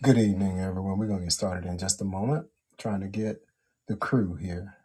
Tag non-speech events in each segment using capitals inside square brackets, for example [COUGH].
Good evening, everyone. We're going to get started in just a moment. Trying to get the crew here.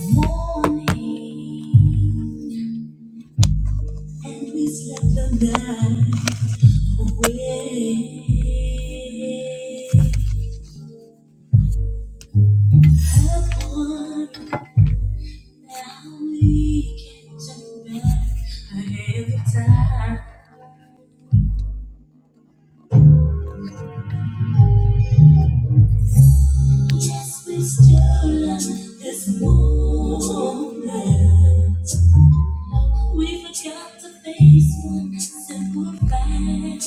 Morning, and we slept the night away. Help one, now we can turn back ahead time. Yes, we still love this moment. We forgot to face one simple fact.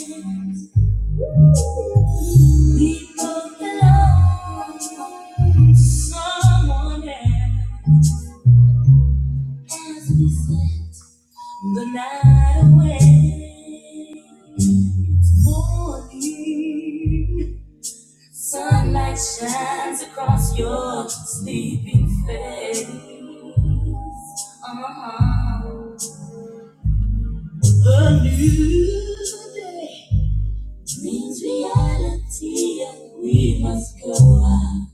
We both belong to someone else. As we slept the night away, it's morning. Sunlight shines across your sleeping face. Uh-huh. A new day. Dreams reality and we must go on.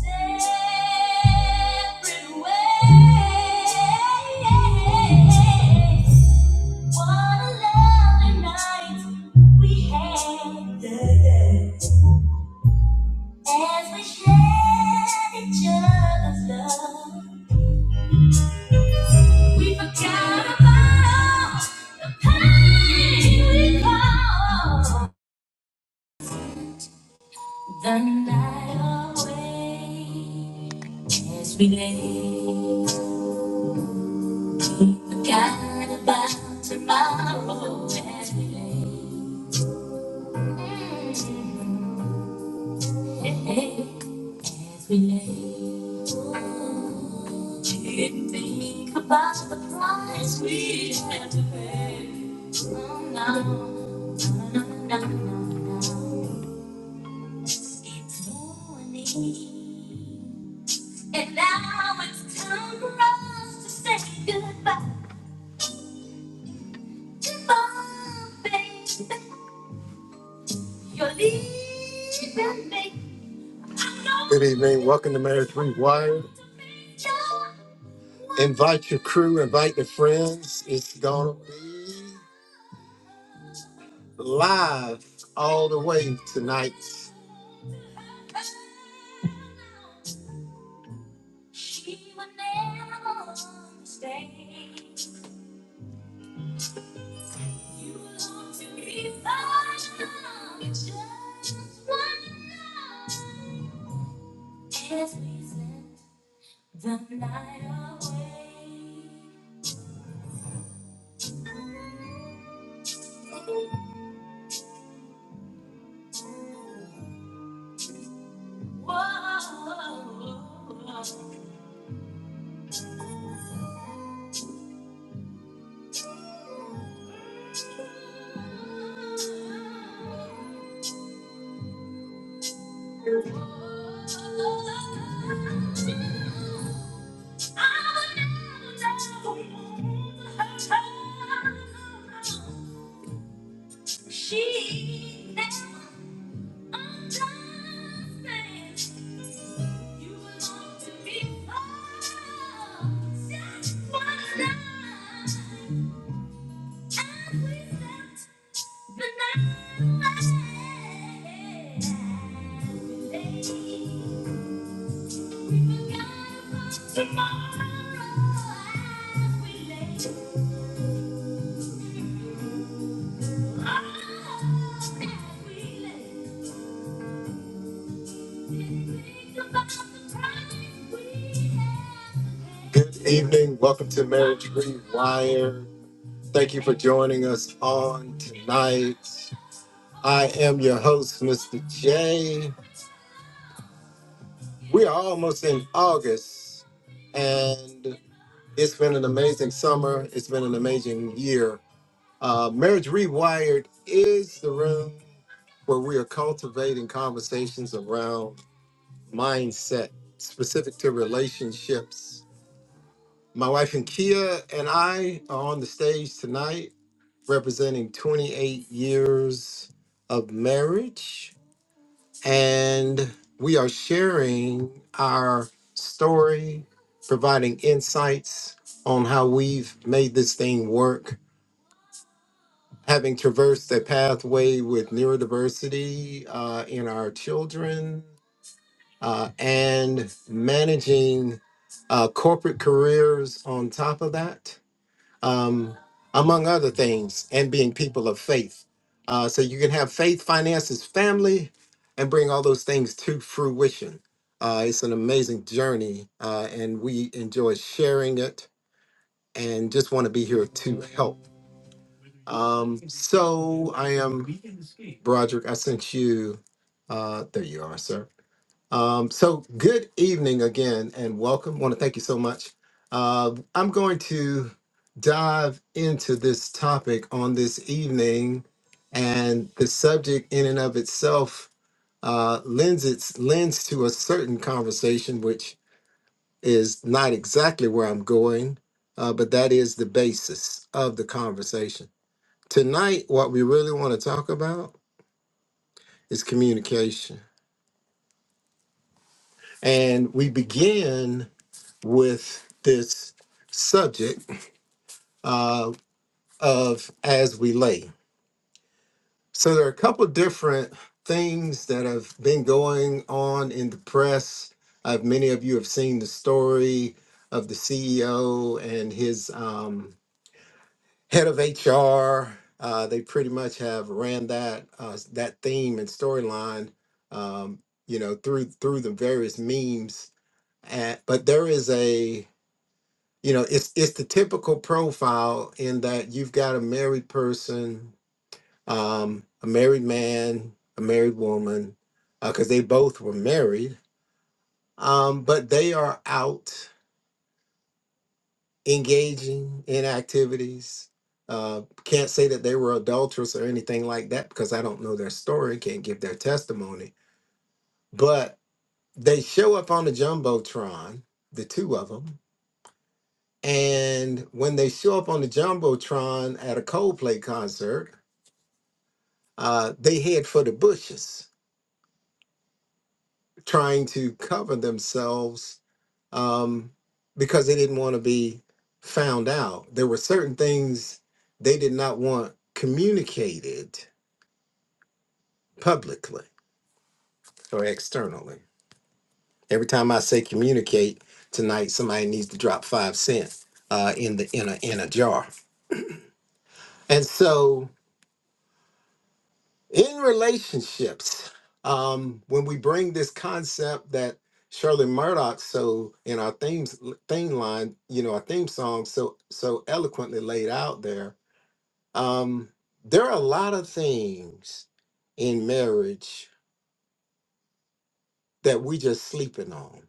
Separate ways. What a lovely night we had As we shared each other's love. We forgot about all the pain we caused. The night away as we lay, we forgot about tomorrow as we lay, as we lay. Didn't think about the price we had to pay. Oh no, no, no, no, no, no. It's morning. And now it's time for us to say goodbye. Good evening. Welcome to Marriage Rewired. Invite your crew, invite your friends. It's going to be live all the way tonight. The night away. Whoa. She never understands. You belong to me first. That's what I. And we stepped Good evening. Welcome to Marriage Rewire. Thank you for joining us on tonight. I am your host, Mr. J. We are almost in August, and it's been an amazing summer. It's been an amazing year. Uh, Marriage Rewired is the room where we are cultivating conversations around mindset specific to relationships. My wife and Kia and I are on the stage tonight representing 28 years of marriage. and we are sharing our story, providing insights on how we've made this thing work. Having traversed a pathway with neurodiversity uh, in our children uh, and managing uh, corporate careers on top of that um, among other things, and being people of faith. Uh, so you can have faith, finances, family, and bring all those things to fruition. Uh, it's an amazing journey, uh, and we enjoy sharing it and just want to be here to help. Um, so I am Broderick. I sent you, uh, there you are, sir. Um, so, good evening again, and welcome. want to thank you so much. Uh, I'm going to dive into this topic on this evening, and the subject in and of itself uh, lends its lends to a certain conversation, which is not exactly where I'm going, uh, but that is the basis of the conversation. Tonight, what we really want to talk about is communication, and we begin. with this subject uh, of as we lay. So there are a couple of different things that have been going on in the press. Uh, many of you have seen the story of the CEO and his um, head of HR. Uh, they pretty much have ran that uh, that theme and storyline, um, you know, through through the various memes. At, but there is a you know it's it's the typical profile in that you've got a married person um a married man a married woman because they both were married um but they are out engaging in activities uh can't say that they were adulterous or anything like that because i don't know their story can't give their testimony but they show up on the jumbotron the two of them and when they show up on the jumbotron at a coldplay concert uh, they head for the bushes, trying to cover themselves um, because they didn't want to be found out. There were certain things they did not want communicated publicly or externally. Every time I say communicate tonight, somebody needs to drop five cents uh, in the in a in a jar. And so in relationships um when we bring this concept that shirley murdoch so in our themes theme line you know our theme song so so eloquently laid out there um there are a lot of things in marriage that we just sleeping on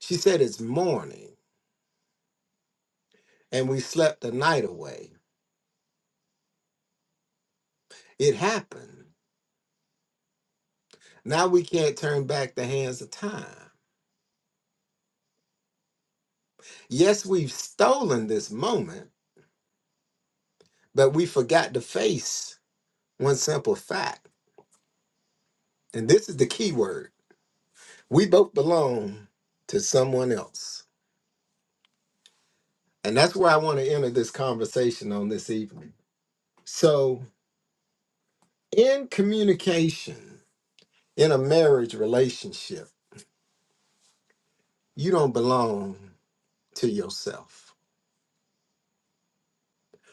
she said it's morning and we slept the night away it happened now we can't turn back the hands of time yes we've stolen this moment but we forgot to face one simple fact, and this is the key word we both belong to someone else. And that's where I want to enter this conversation on this evening. So, in communication, in a marriage relationship, you don't belong to yourself.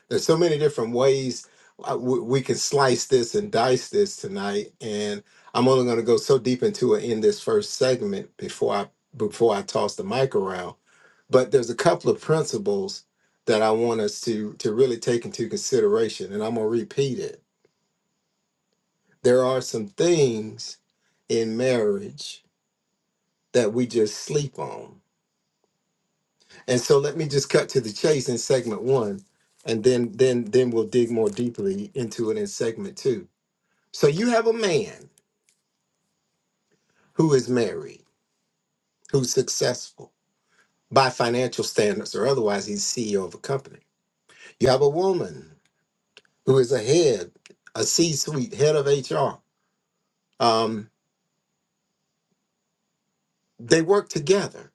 There's so many different ways uh, we, we can slice this and dice this tonight, and I'm only going to go so deep into it in this first segment before I before I toss the mic around. But there's a couple of principles that I want us to to really take into consideration, and I'm going to repeat it. There are some things in marriage that we just sleep on. And so let me just cut to the chase in segment one, and then then then we'll dig more deeply into it in segment two. So you have a man who is married, who's successful by financial standards or otherwise, he's CEO of a company. You have a woman who is a head, a C suite, head of HR. Um, they work together.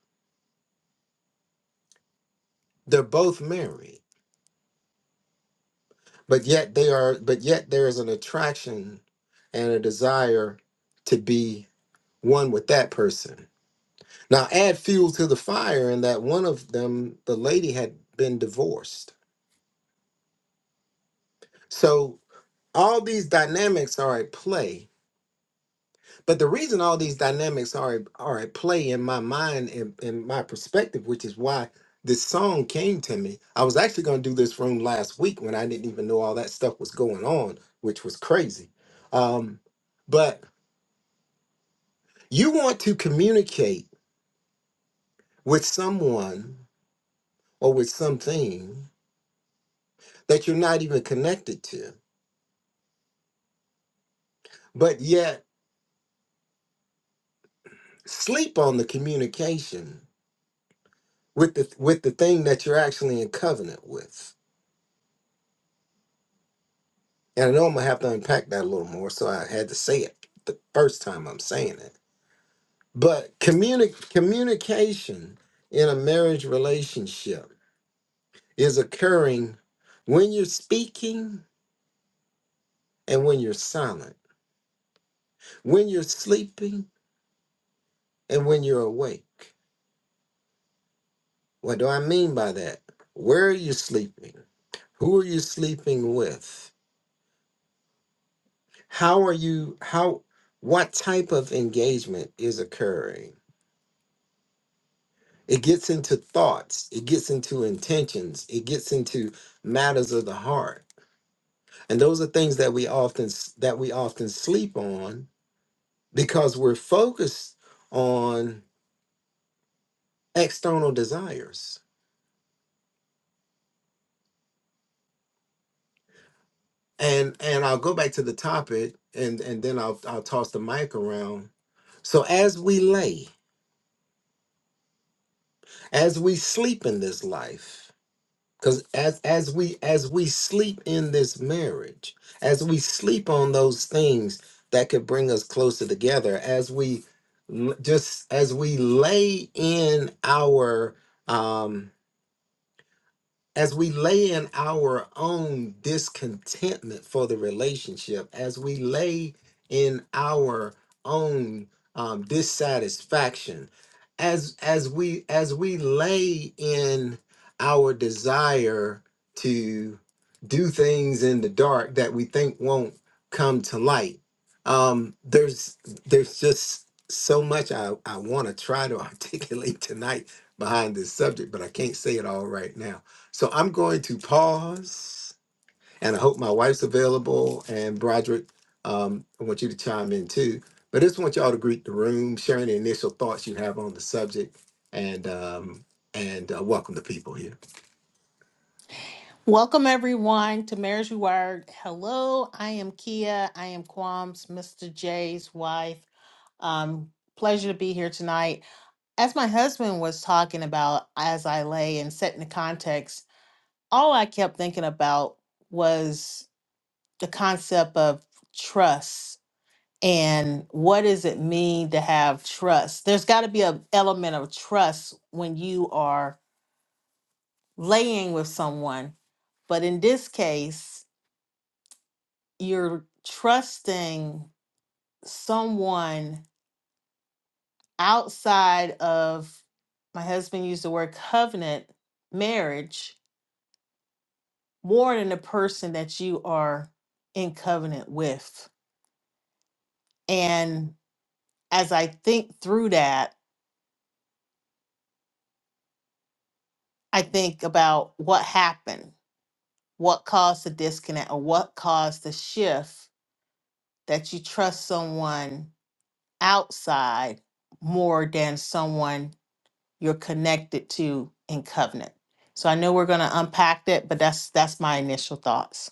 They're both married, but yet they are, but yet there is an attraction and a desire to be one with that person. Now add fuel to the fire in that one of them, the lady had been divorced. So all these dynamics are at play but the reason all these dynamics are at- are at play in my mind and in my perspective which is why this song came to me i was actually going to do this room last week when i didn't even know all that stuff was going on which was crazy um, but you want to communicate with someone or with something that you're not even connected to but yet sleep on the communication with the with the thing that you're actually in covenant with. And I know I'm gonna have to unpack that a little more, so I had to say it the first time I'm saying it. But communi- communication in a marriage relationship is occurring when you're speaking and when you're silent, when you're sleeping and when you're awake. What do I mean by that? Where are you sleeping? Who are you sleeping with? how are you how what type of engagement is occurring it gets into thoughts it gets into intentions it gets into matters of the heart and those are things that we often s- that we often sleep on because we're focused on external desires and and i'll go back to the topic and and then i'll i'll toss the mic around so as we lay as we sleep in this life Because as as we as we sleep in this marriage, as we sleep on those things that could bring us closer together, as we l- just as we lay in our um, as we lay in our own discontentment for the relationship, as we lay in our own um, dissatisfaction, as as we as we lay in our desire to do things in the dark that we think won't come to light, um, there's there's just so much I, I want to try to [LAUGHS] articulate tonight behind this subject, but I can't say it all right now so I'm going to pause, and I hope my wife's available. And Broderick, um, I want you to chime in too. But I just want y'all to greet the room, share any initial thoughts you have on the subject, and um, and uh, welcome the people here. Welcome everyone to Marriage Rewired. Hello, I am Kia. I am Quam's Mr. J's wife. Um, pleasure to be here tonight. As my husband was talking about as I lay and setting the context, all I kept thinking about was the concept of trust and what does it mean to have trust? There's got to be an element of trust when you are laying with someone, but in this case. you're trusting someone outside of my husband used the word covenant marriage more than the person that you are in covenant with and as i think through that i think about what happened what caused the disconnect or what caused the shift that you trust someone outside more than someone you're connected to in covenant. So I know we're going to unpack that, but that's that's my initial thoughts.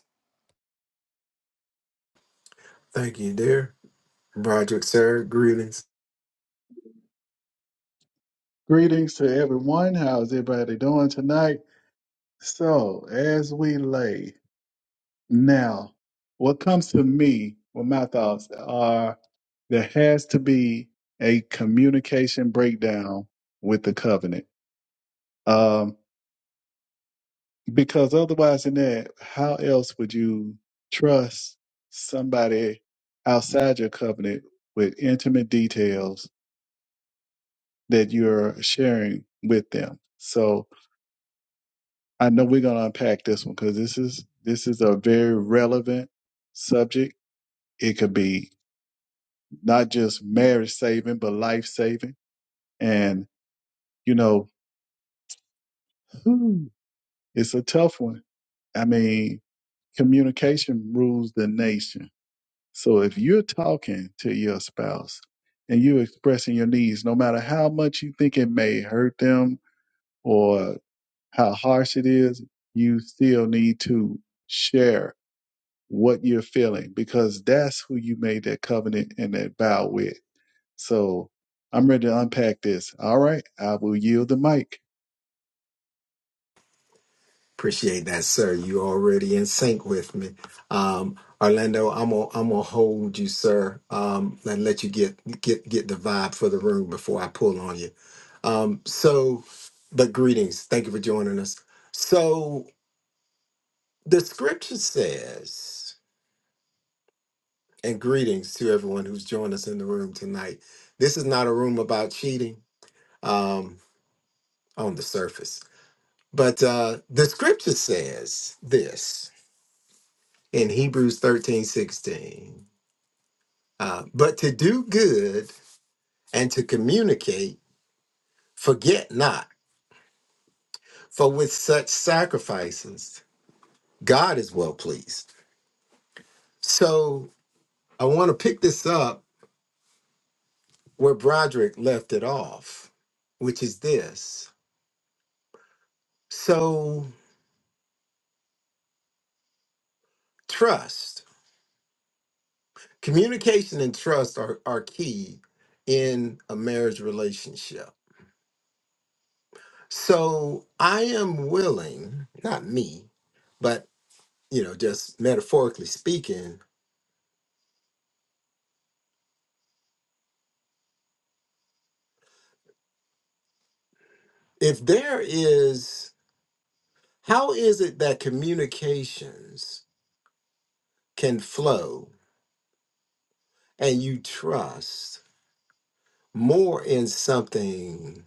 Thank you, dear Broderick, sir. Greetings. Greetings to everyone. How's everybody doing tonight? So, as we lay now, what comes to me with my thoughts are there has to be a communication breakdown with the covenant. Um, because otherwise, than that, how else would you trust somebody outside your covenant with intimate details that you're sharing with them? So, I know we're gonna unpack this one because this is this is a very relevant subject. It could be not just marriage saving, but life saving. And you know, whew, it's a tough one. I mean, communication rules the nation. So if you're talking to your spouse and you're expressing your needs, no matter how much you think it may hurt them or how harsh it is, you still need to share what you're feeling because that's who you made that covenant and that vow with. So I'm ready to unpack this. All right, I will yield the mic. Appreciate that, sir. You already in sync with me. Um, Orlando, I'm gonna I'm gonna hold you, sir, um, and let you get get get the vibe for the room before I pull on you. Um, so, but greetings. Thank you for joining us. So the scripture says, and greetings to everyone who's joined us in the room tonight. This is not a room about cheating um, on the surface, but uh, the scripture says this in Hebrews 13 16. Uh, but to do good and to communicate, forget not, for with such sacrifices, God is well pleased. So I want to pick this up where Broderick left it off, which is this. So trust, communication and trust are, are key in a marriage relationship. So I am willing, not me, but you know, just metaphorically speaking, if there is how is it that communications can flow and you trust more in something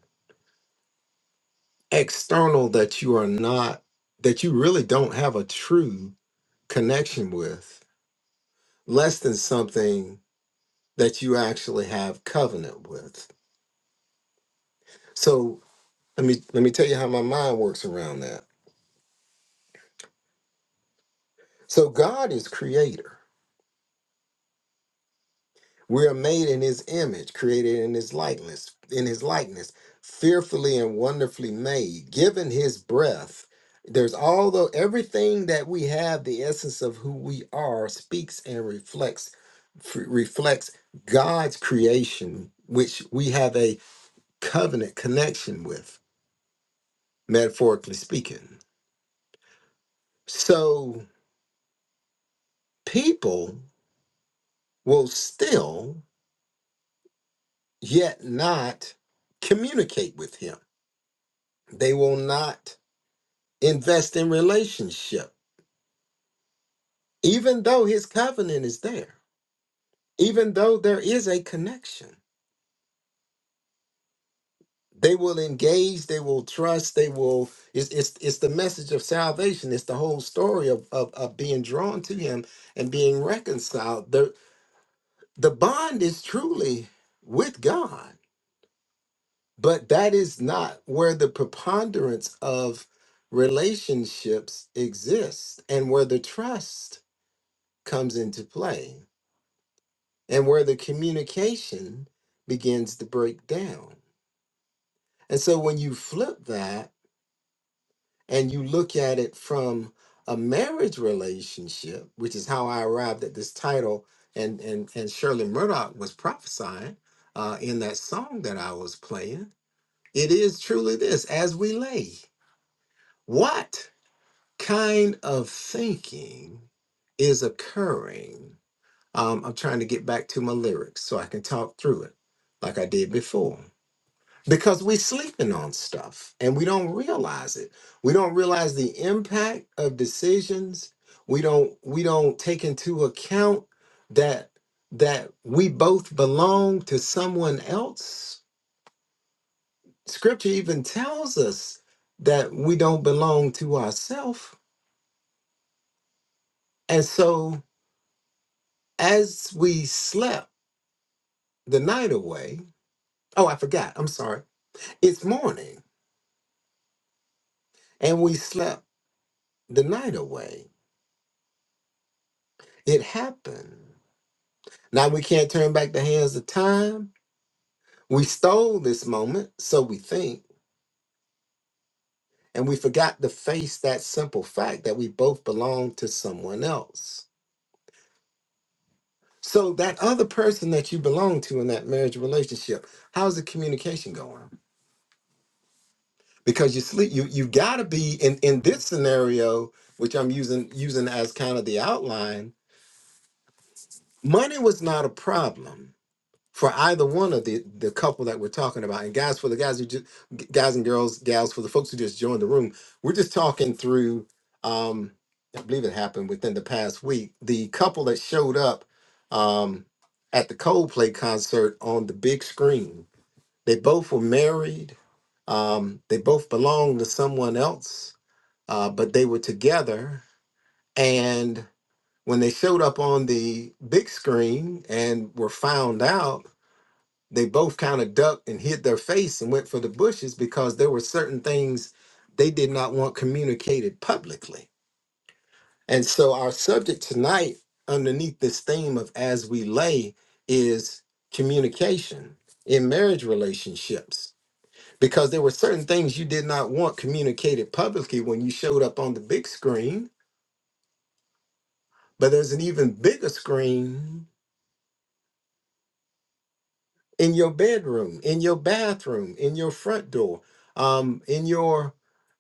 external that you are not that you really don't have a true connection with less than something that you actually have covenant with so let me let me tell you how my mind works around that so god is creator We are made in his image, created in his likeness, in his likeness, fearfully and wonderfully made, given his breath. There's all the everything that we have, the essence of who we are speaks and reflects f- reflects God's creation, which we have a covenant connection with, metaphorically speaking. So people will still yet not communicate with him. They will not invest in relationship, even though his covenant is there, even though there is a connection. They will engage, they will trust, they will. It's, it's, it's the message of salvation, it's the whole story of, of, of being drawn to him and being reconciled. The, the bond is truly with God, but that is not where the preponderance of relationships exists and where the trust comes into play and where the communication begins to break down. And so when you flip that and you look at it from a marriage relationship, which is how I arrived at this title, and and and Shirley Murdoch was prophesying uh, in that song that I was playing. It is truly this: as we lay, what kind of thinking is occurring? Um, I'm trying to get back to my lyrics so I can talk through it like I did before. because we sleeping on stuff and we don't realize it we don't realize the impact of decisions we don't we don't take into account that that we both belong to someone else scripture even tells us that we don't belong to ourselves and so as we slept the night away oh i forgot i'm sorry it's morning and we slept the night away it happened Now we can't turn back the hands of time. We stole this moment, so we think, and we forgot to face that simple fact that we both belong to someone else. So that other person that you belong to in that marriage relationship, how's the communication going? Because you sleep, you you gotta be in in this scenario, which I'm using using as kind of the outline. Money was not a problem for either one of the the couple that we're talking about and guys for the guys who just guys and girls gals for the folks who just joined the room we're just talking through um i believe it happened within the past week the couple that showed up um at the coldplay concert on the big screen they both were married um they both belonged to someone else uh but they were together and when they showed up on the big screen and were found out they both kind of ducked and hid their face and went for the bushes because there were certain things they did not want communicated publicly. And so our subject tonight, underneath this theme of as we lay, is communication in marriage relationships. Because there were certain things you did not want communicated publicly when you showed up on the big screen, but there's an even bigger screen in your bedroom, in your bathroom, in your front door, um, in your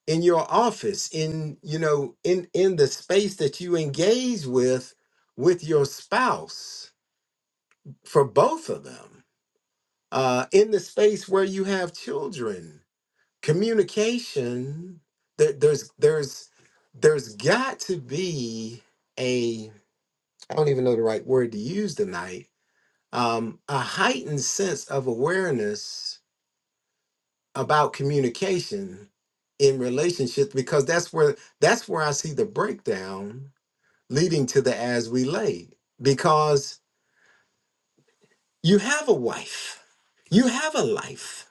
in your office, in you know, in in the space that you engage with with your spouse for both of them, uh, in the space where you have children, communication. There, there's there's there's got to be a I don't even know the right word to use tonight. Um, a heightened sense of awareness about communication in relationships because that's where that's where I see the breakdown leading to the as we lay because you have a wife you have a life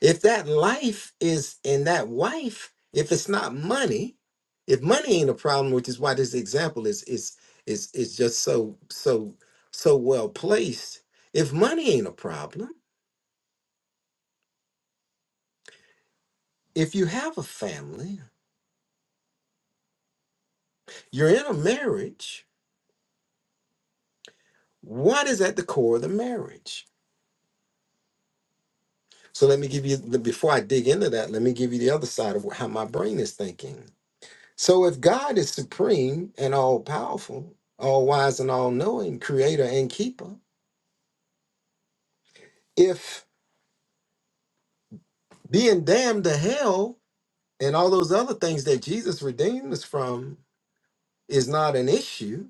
if that life is in that wife if it's not money if money ain't a problem which is why this example is is is is just so so so well placed if money ain't a problem if you have a family you're in a marriage What is at the core of the marriage? So let me give you the before I dig into that, let me give you the other side of how my brain is thinking. So if God is supreme and all powerful, all wise and all knowing, creator and keeper, if being damned to hell and all those other things that Jesus redeemed us from is not an issue,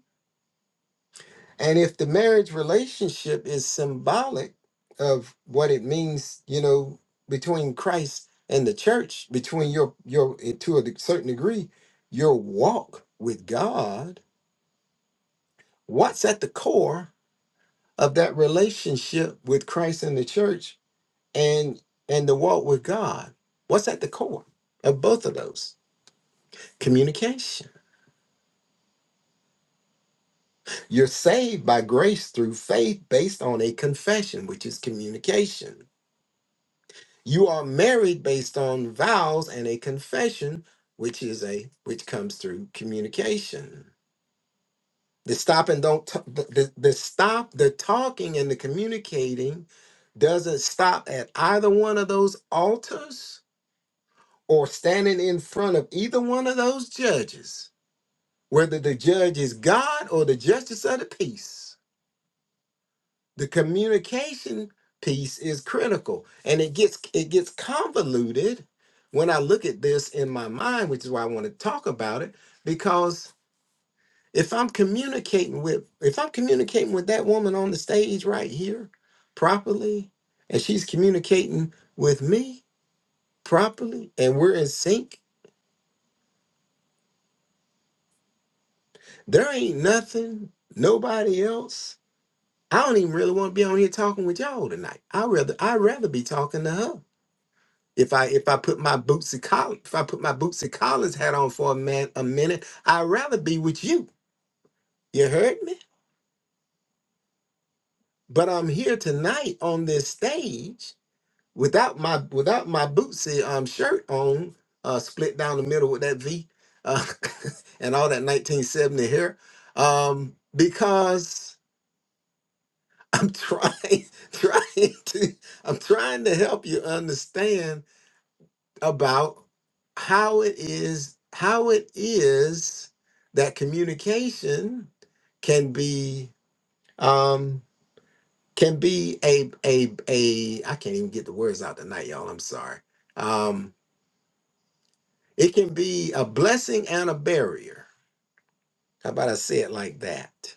And if the marriage relationship is symbolic of what it means, you know, between Christ and the church, between your your to a de- certain degree, your walk with God, what's at the core of that relationship with Christ and the church and and the walk with God? What's at the core of both of those? Communication. You're saved by grace through faith based on a confession, which is communication You are married based on vows and a confession, which is a which comes through communication. The stop and don't t- the, the the stop the talking and the communicating doesn't stop at either one of those altars or standing in front of either one of those judges, whether the judge is God or the justice of the peace. the communication piece is critical and it gets it gets convoluted when i look at this in my mind which is why i want to talk about it because if i'm communicating with if i'm communicating with that woman on the stage right here properly and she's communicating with me properly and we're in sync there ain't nothing nobody else i don't even really want to be on here talking with y'all tonight i rather i'd rather be talking to her If I if I put my bootsy collar if I put my bootsy collars hat on for a man a minute, I'd rather be with you. You heard me? But I'm here tonight on this stage without my without my bootsy um shirt on, uh split down the middle with that V uh, [LAUGHS] and all that 1970 hair. Um because I'm trying [LAUGHS] trying to I'm trying to help you understand about how it is how it is that communication can be um can be a a a I can't even get the words out tonight y'all I'm sorry um it can be a blessing and a barrier how about I say it like that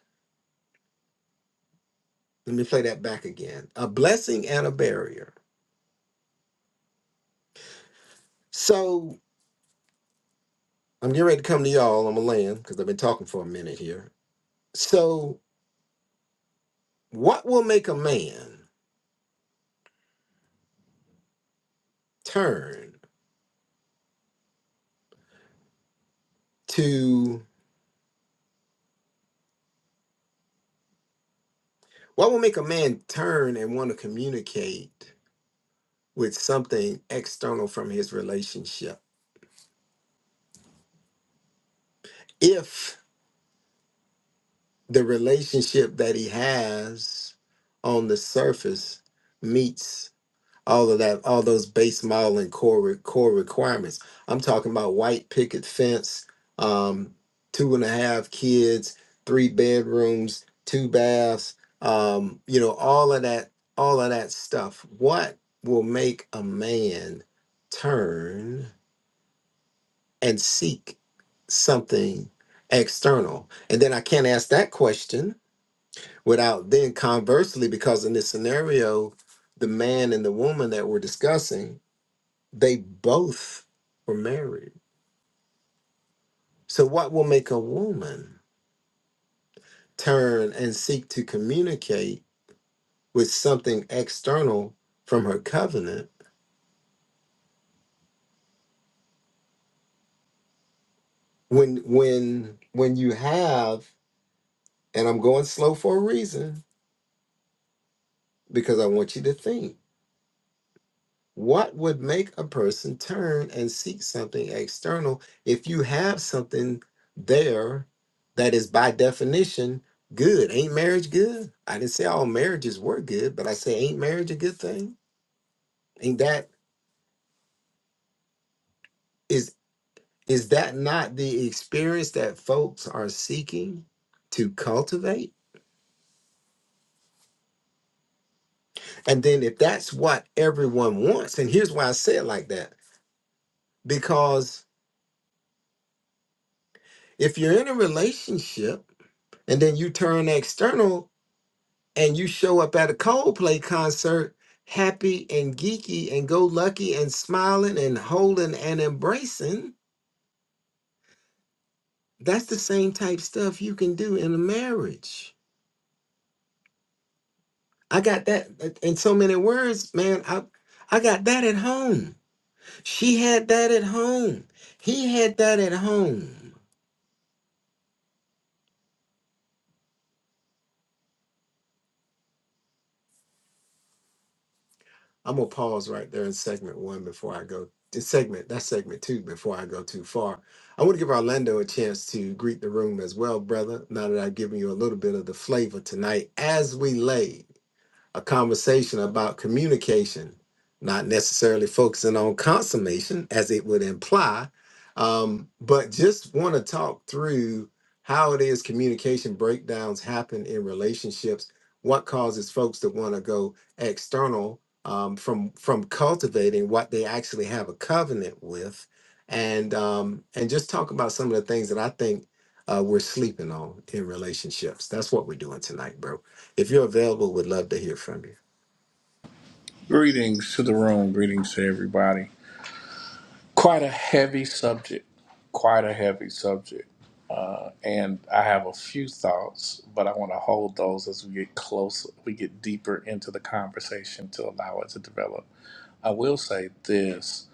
let me play that back again a blessing and a barrier so I'm getting ready to come to y'all I'm a land because I've been talking for a minute here so what will make a man turn to what will make a man turn and want to communicate with something external from his relationship if the relationship that he has on the surface meets all of that, all those base model and core re- core requirements. I'm talking about white picket fence, um, two and a half kids, three bedrooms, two baths, um, you know, all of that, all of that stuff. What will make a man turn and seek something external? And then I can't ask that question without then conversely, because in this scenario, the man and the woman that we're discussing they both were married. So, what will make a woman turn and seek to communicate with something external from her covenant when when when you have and I'm going slow for a reason because I want you to think What would make a person turn and seek something external if you have something there that is by definition good? Ain't marriage good? I didn't say all marriages were good, but I say ain't marriage a good thing? Ain't that is is that not the experience that folks are seeking to cultivate? And then if that's what everyone wants, and here's why I say it like that, because if you're in a relationship and then you turn external and you show up at a Coldplay concert happy and geeky and go lucky and smiling and holding and embracing, that's the same type stuff you can do in a marriage. I got that uh, in so many words, man. I I got that at home. She had that at home. He had that at home. I'm gonna pause right there in segment one before I go to segment that's segment two before I go too far. I want to give Orlando a chance to greet the room as well, brother. Now that I've given you a little bit of the flavor tonight as we lay a conversation about communication, not necessarily focusing on consummation as it would imply, um, but just want to talk through how it is communication breakdowns happen in relationships, what causes folks to want to go external um, from from cultivating what they actually have a covenant with, and um, and just talk about some of the things that I think uh, we're sleeping on in relationships. That's what we're doing tonight, bro. If you're available, would love to hear from you. Greetings to the room. Greetings to everybody. Quite a heavy subject. Quite a heavy subject. Uh, and I have a few thoughts, but I want to hold those as we get closer, we get deeper into the conversation to allow it to develop. I will say this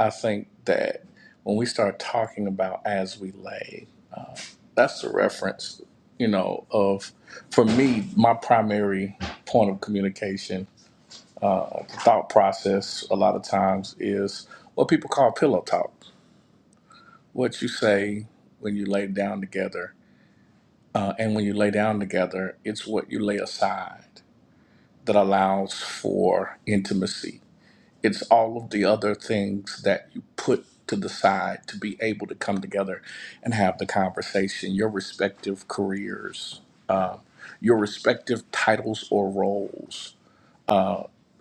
I think that when we start talking about as we lay, that's the reference, you know, of, for me, my primary point of communication thought process a lot of times is what people call pillow talk. What you say when you lay down together, uh, and when you lay down together, it's what you lay aside that allows for intimacy. It's all of the other things that you put to the side to be able to come together and have the conversation, your respective careers, your respective titles or roles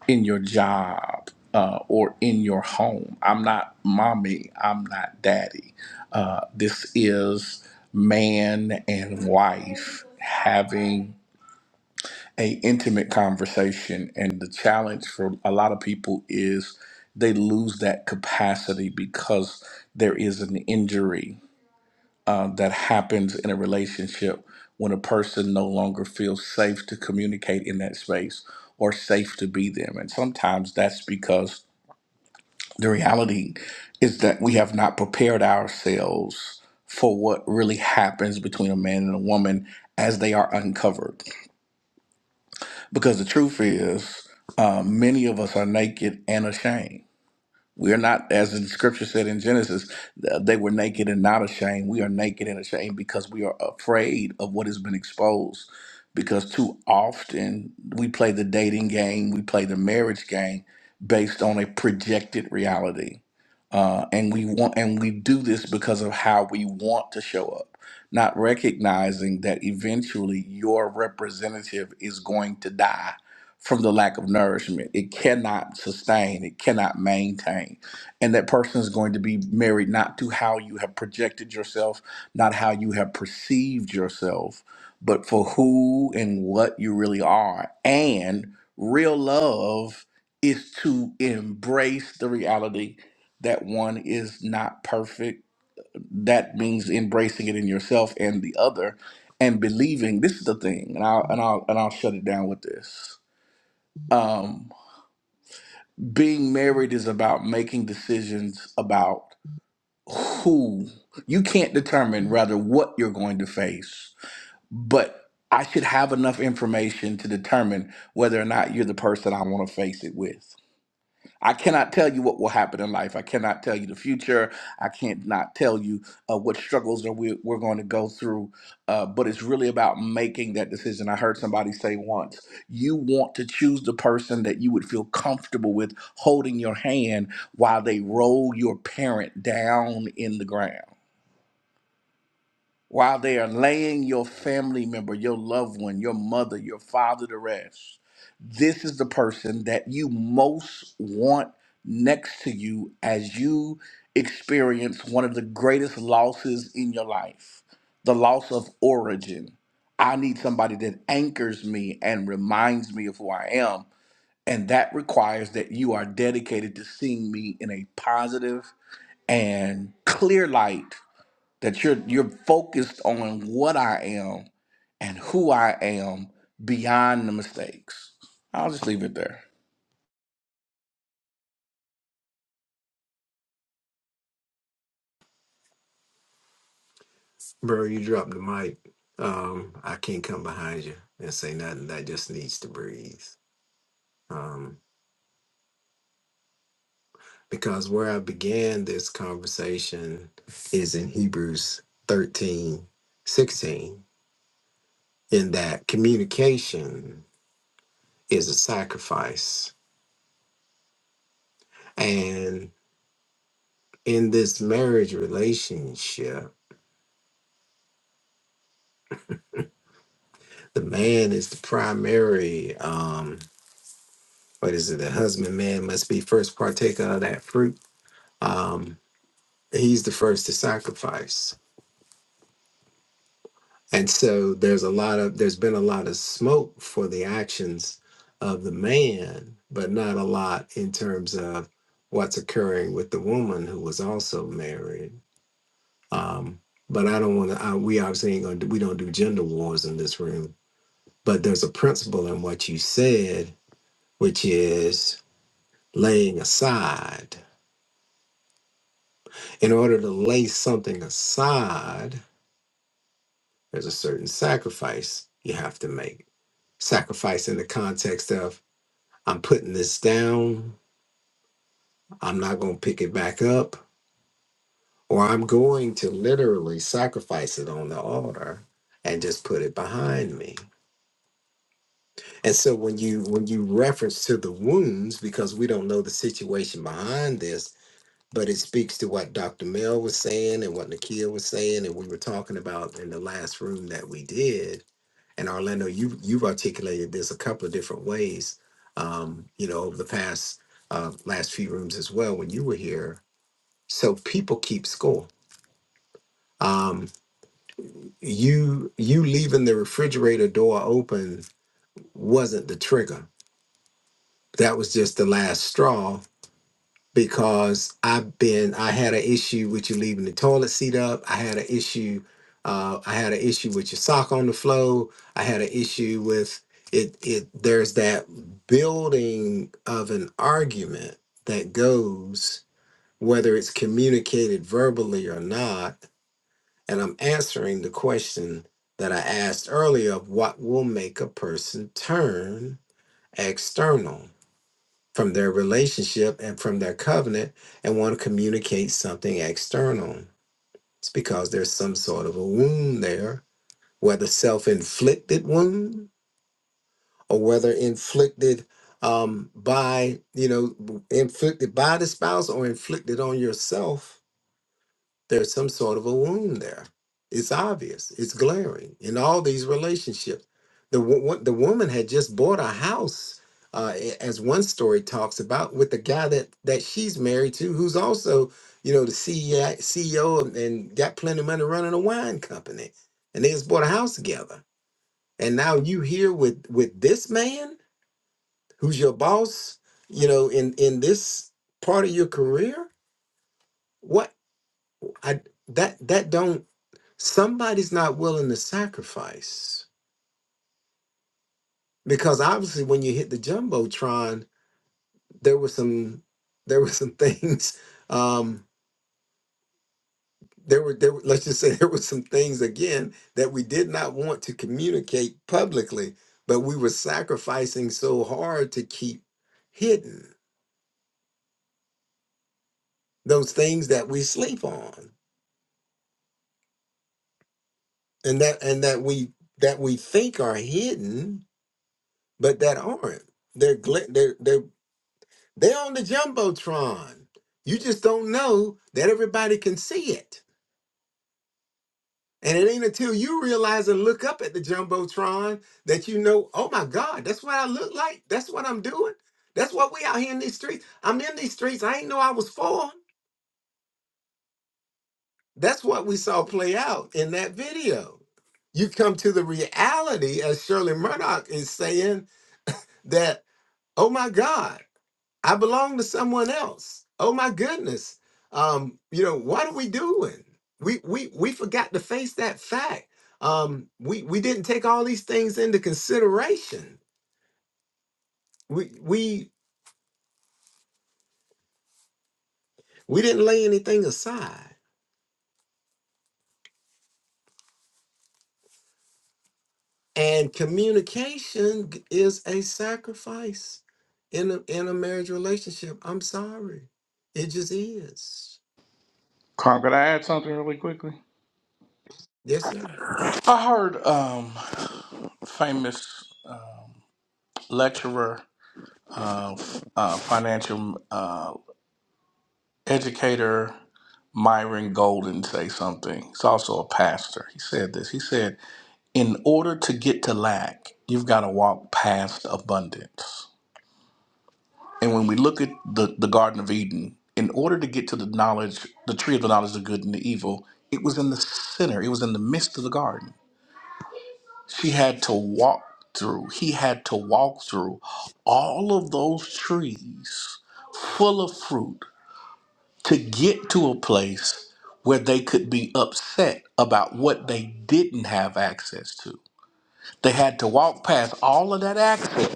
in your job uh, or in your home. I'm not mommy. I'm not daddy. Uh, this is man and wife having a intimate conversation, and the challenge for a lot of people is they lose that capacity because there is an injury uh, that happens in a relationship when a person no longer feels safe to communicate in that space or safe to be them and sometimes that's because the reality is that we have not prepared ourselves for what really happens between a man and a woman as they are uncovered. Because the truth is, uh, many of us are naked and ashamed. We're not, as the scripture said in Genesis, th- they were naked and not ashamed. We are naked and ashamed because we are afraid of what has been exposed. Because too often we play the dating game, we play the marriage game based on a projected reality. Uh, and we want and we do this because of how we want to show up, not recognizing that eventually your representative is going to die from the lack of nourishment. It cannot sustain, it cannot maintain. And that person is going to be married not to how you have projected yourself, not how you have perceived yourself, but for who and what you really are. And real love is to embrace the reality that one is not perfect. That means embracing it in yourself and the other and believing this is the thing and I'll and I'll and I'll shut it down with this um, being married is about making decisions about who you can't determine rather what you're going to face but i should have enough information to determine whether or not you're the person i want to face it with I cannot tell you what will happen in life. I cannot tell you the future. I can't not tell you uh, what struggles that we, we're going to go through. Uh, but it's really about making that decision. I heard somebody say once, you want to choose the person that you would feel comfortable with holding your hand while they roll your parent down in the ground while they are laying your family member, your loved one, your mother, your father to rest, this is the person that you most want next to you as you experience one of the greatest losses in your life the loss of origin. I need somebody that anchors me and reminds me of who I am. And that requires that you are dedicated to seeing me in a positive and clear light that you're you're focused on what I am and who I am beyond the mistakes. I'll just leave it there. Bro, you dropped the mic. Um, I can't come behind you and say nothing. That just needs to breathe. Um, because where I began this conversation is in Hebrews 13 16. in that communication is a sacrifice. And in this marriage relationship, the man is the primary um, what is it? The husband man must be first partaker of that fruit um, he's the first to sacrifice and so there's a lot of there's been a lot of smoke for the actions of the man but not a lot in terms of what's occurring with the woman who was also married um, but i don't want to we obviously ain't gonna we don't do gender wars in this room but there's a principle in what you said which is laying aside in order to lay something aside There's a certain sacrifice you have to make. Sacrifice in the context of I'm putting this down, I'm not going to pick it back up, or I'm going to literally sacrifice it on the altar and just put it behind me. And so when you when you reference to the wounds because we don't know the situation behind this, but it speaks to what Dr. Mel was saying and what Nakia was saying and we were talking about in the last room that we did And Orlando, you you've articulated this a couple of different ways, um, you know, over the past uh, last few rooms as well when you were here. So people keep score. Um, you you leaving the refrigerator door open wasn't the trigger. That was just the last straw because I've been I had an issue with you leaving the toilet seat up. I had an issue. Uh, I had an issue with your sock on the floor. I had an issue with it. It there's that building of an argument that goes whether it's communicated verbally or not. And I'm answering the question that I asked earlier of what will make a person turn external from their relationship and from their covenant and want to communicate something external. It's because there's some sort of a wound there, whether self inflicted wound or whether inflicted um, by, you know, inflicted by the spouse or inflicted on yourself there's some sort of a wound there. It's obvious. It's glaring in all these relationships. The wo- wo- the woman had just bought a house, uh, a- as one story talks about, with the guy that that she's married to, who's also you know the CEO CEO and and got plenty of money running a wine company, and they just bought a house together. And now you here with with this man who's your boss, you know, in in this part of your career. What I that that don't somebody's not willing to sacrifice because obviously when you hit the jumbotron there were some there were some [LAUGHS] things um there were there were, let's just say [LAUGHS] there were some things again that we did not want to communicate publicly but we were sacrificing so hard to keep hidden those things that we sleep on and that and that we that we think are hidden but that aren't they're gl- they're they're They're on the Jumbotron. You just don't know that everybody can see it. And it ain't until you realize and look up at the Jumbotron that you know, oh my God, that's what I look like. That's what I'm doing. That's what we out here in these streets. I'm in these streets. I ain't know I was falling. That's what we saw play out in that video. You come to the reality, as Shirley Murdoch is saying, that, oh my God. I belong to someone else. Oh my goodness. Um, you know, what are we doing? We we we forgot to face that fact. Um, we we didn't take all these things into consideration. We we we didn't lay anything aside. And communication g- is a sacrifice in a in a marriage relationship. I'm sorry. It just is. Carl, could I add something really quickly? Yes, sir. I heard um famous lecturer, uh, f- uh, financial uh, educator Myron Golden say something. He's also a pastor. He said this. He said, "In order to get to lack, you've got to walk past abundance." And when we look at the, the Garden of Eden, in order to get to the knowledge, the tree of the knowledge of good and the evil, it was in the center, it was in the midst of the garden. She had to walk through, he had to walk through all of those trees full of fruit to get to a place where they could be upset about what they didn't have access to. They had to walk past all of that access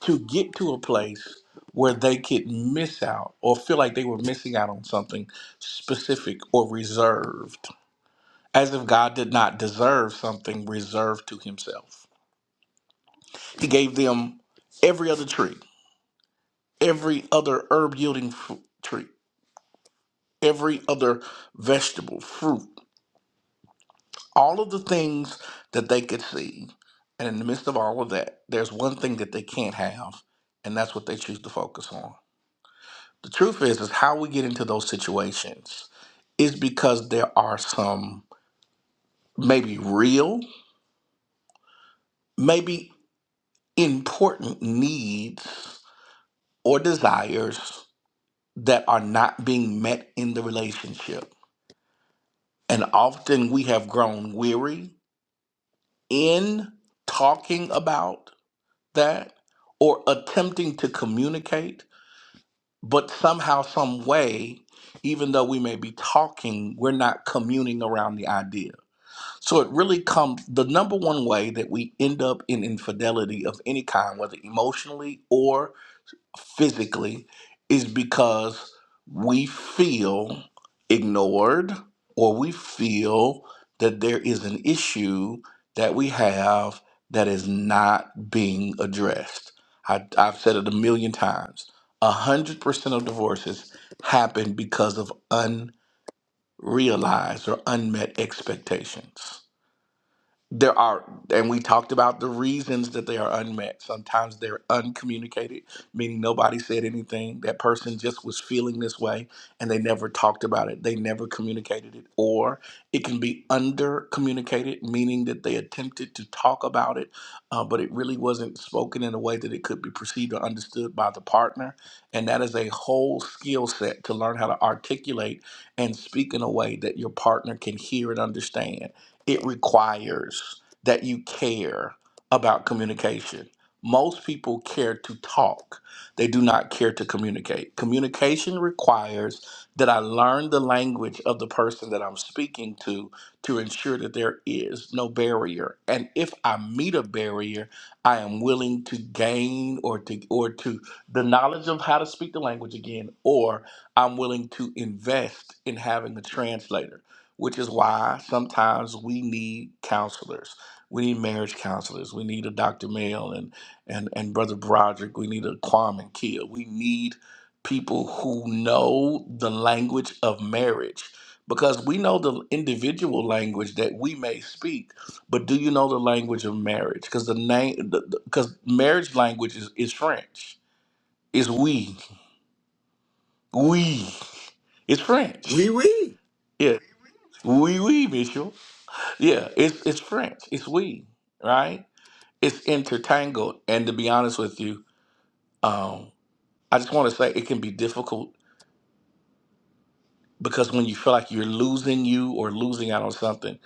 to get to a place where they could miss out or feel like they were missing out on something specific or reserved, as if God did not deserve something reserved to Himself. He gave them every other tree, every other herb yielding fruit tree, every other vegetable, fruit, all of the things that they could see. And in the midst of all of that, there's one thing that they can't have, and that's what they choose to focus on. The truth is, is how we get into those situations is because there are some maybe real, maybe important needs or desires that are not being met in the relationship. And often we have grown weary in talking about that or attempting to communicate, but somehow, some way, even though we may be talking, we're not communing around the idea. So it really comes the number one way that we end up in infidelity of any kind, whether emotionally or physically, is because we feel ignored or we feel that there is an issue that we have that is not being addressed. I, I've said it a million times. A hundred percent of divorces happen because of unrealized or unmet expectations there are and we talked about the reasons that they are unmet sometimes they're uncommunicated meaning nobody said anything that person just was feeling this way and they never talked about it they never communicated it or it can be under communicated meaning that they attempted to talk about it uh, but it really wasn't spoken in a way that it could be perceived or understood by the partner and that is a whole skill set to learn how to articulate and speak in a way that your partner can hear and understand it requires that you care about communication. Most people care to talk, they do not care to communicate. Communication requires that I learn the language of the person that I'm speaking to to ensure that there is no barrier. And if I meet a barrier, I am willing to gain or to or to the knowledge of how to speak the language again or I'm willing to invest in having a translator which is why sometimes we need counselors. We need marriage counselors. We need a Dr. Mail and and and Brother Broderick. We need a Kwame Kia. We need people who know the language of marriage because we know the individual language that we may speak, but do you know the language of marriage? Because the name because marriage language is, is French. It's we. We. It's We French. we Yeah. we we Mitchell. Yeah, it's it's French. It's we, right? It's intertangled. And to be honest with you, um, I just want to say it can be difficult because when you feel like you're losing you or losing out on something,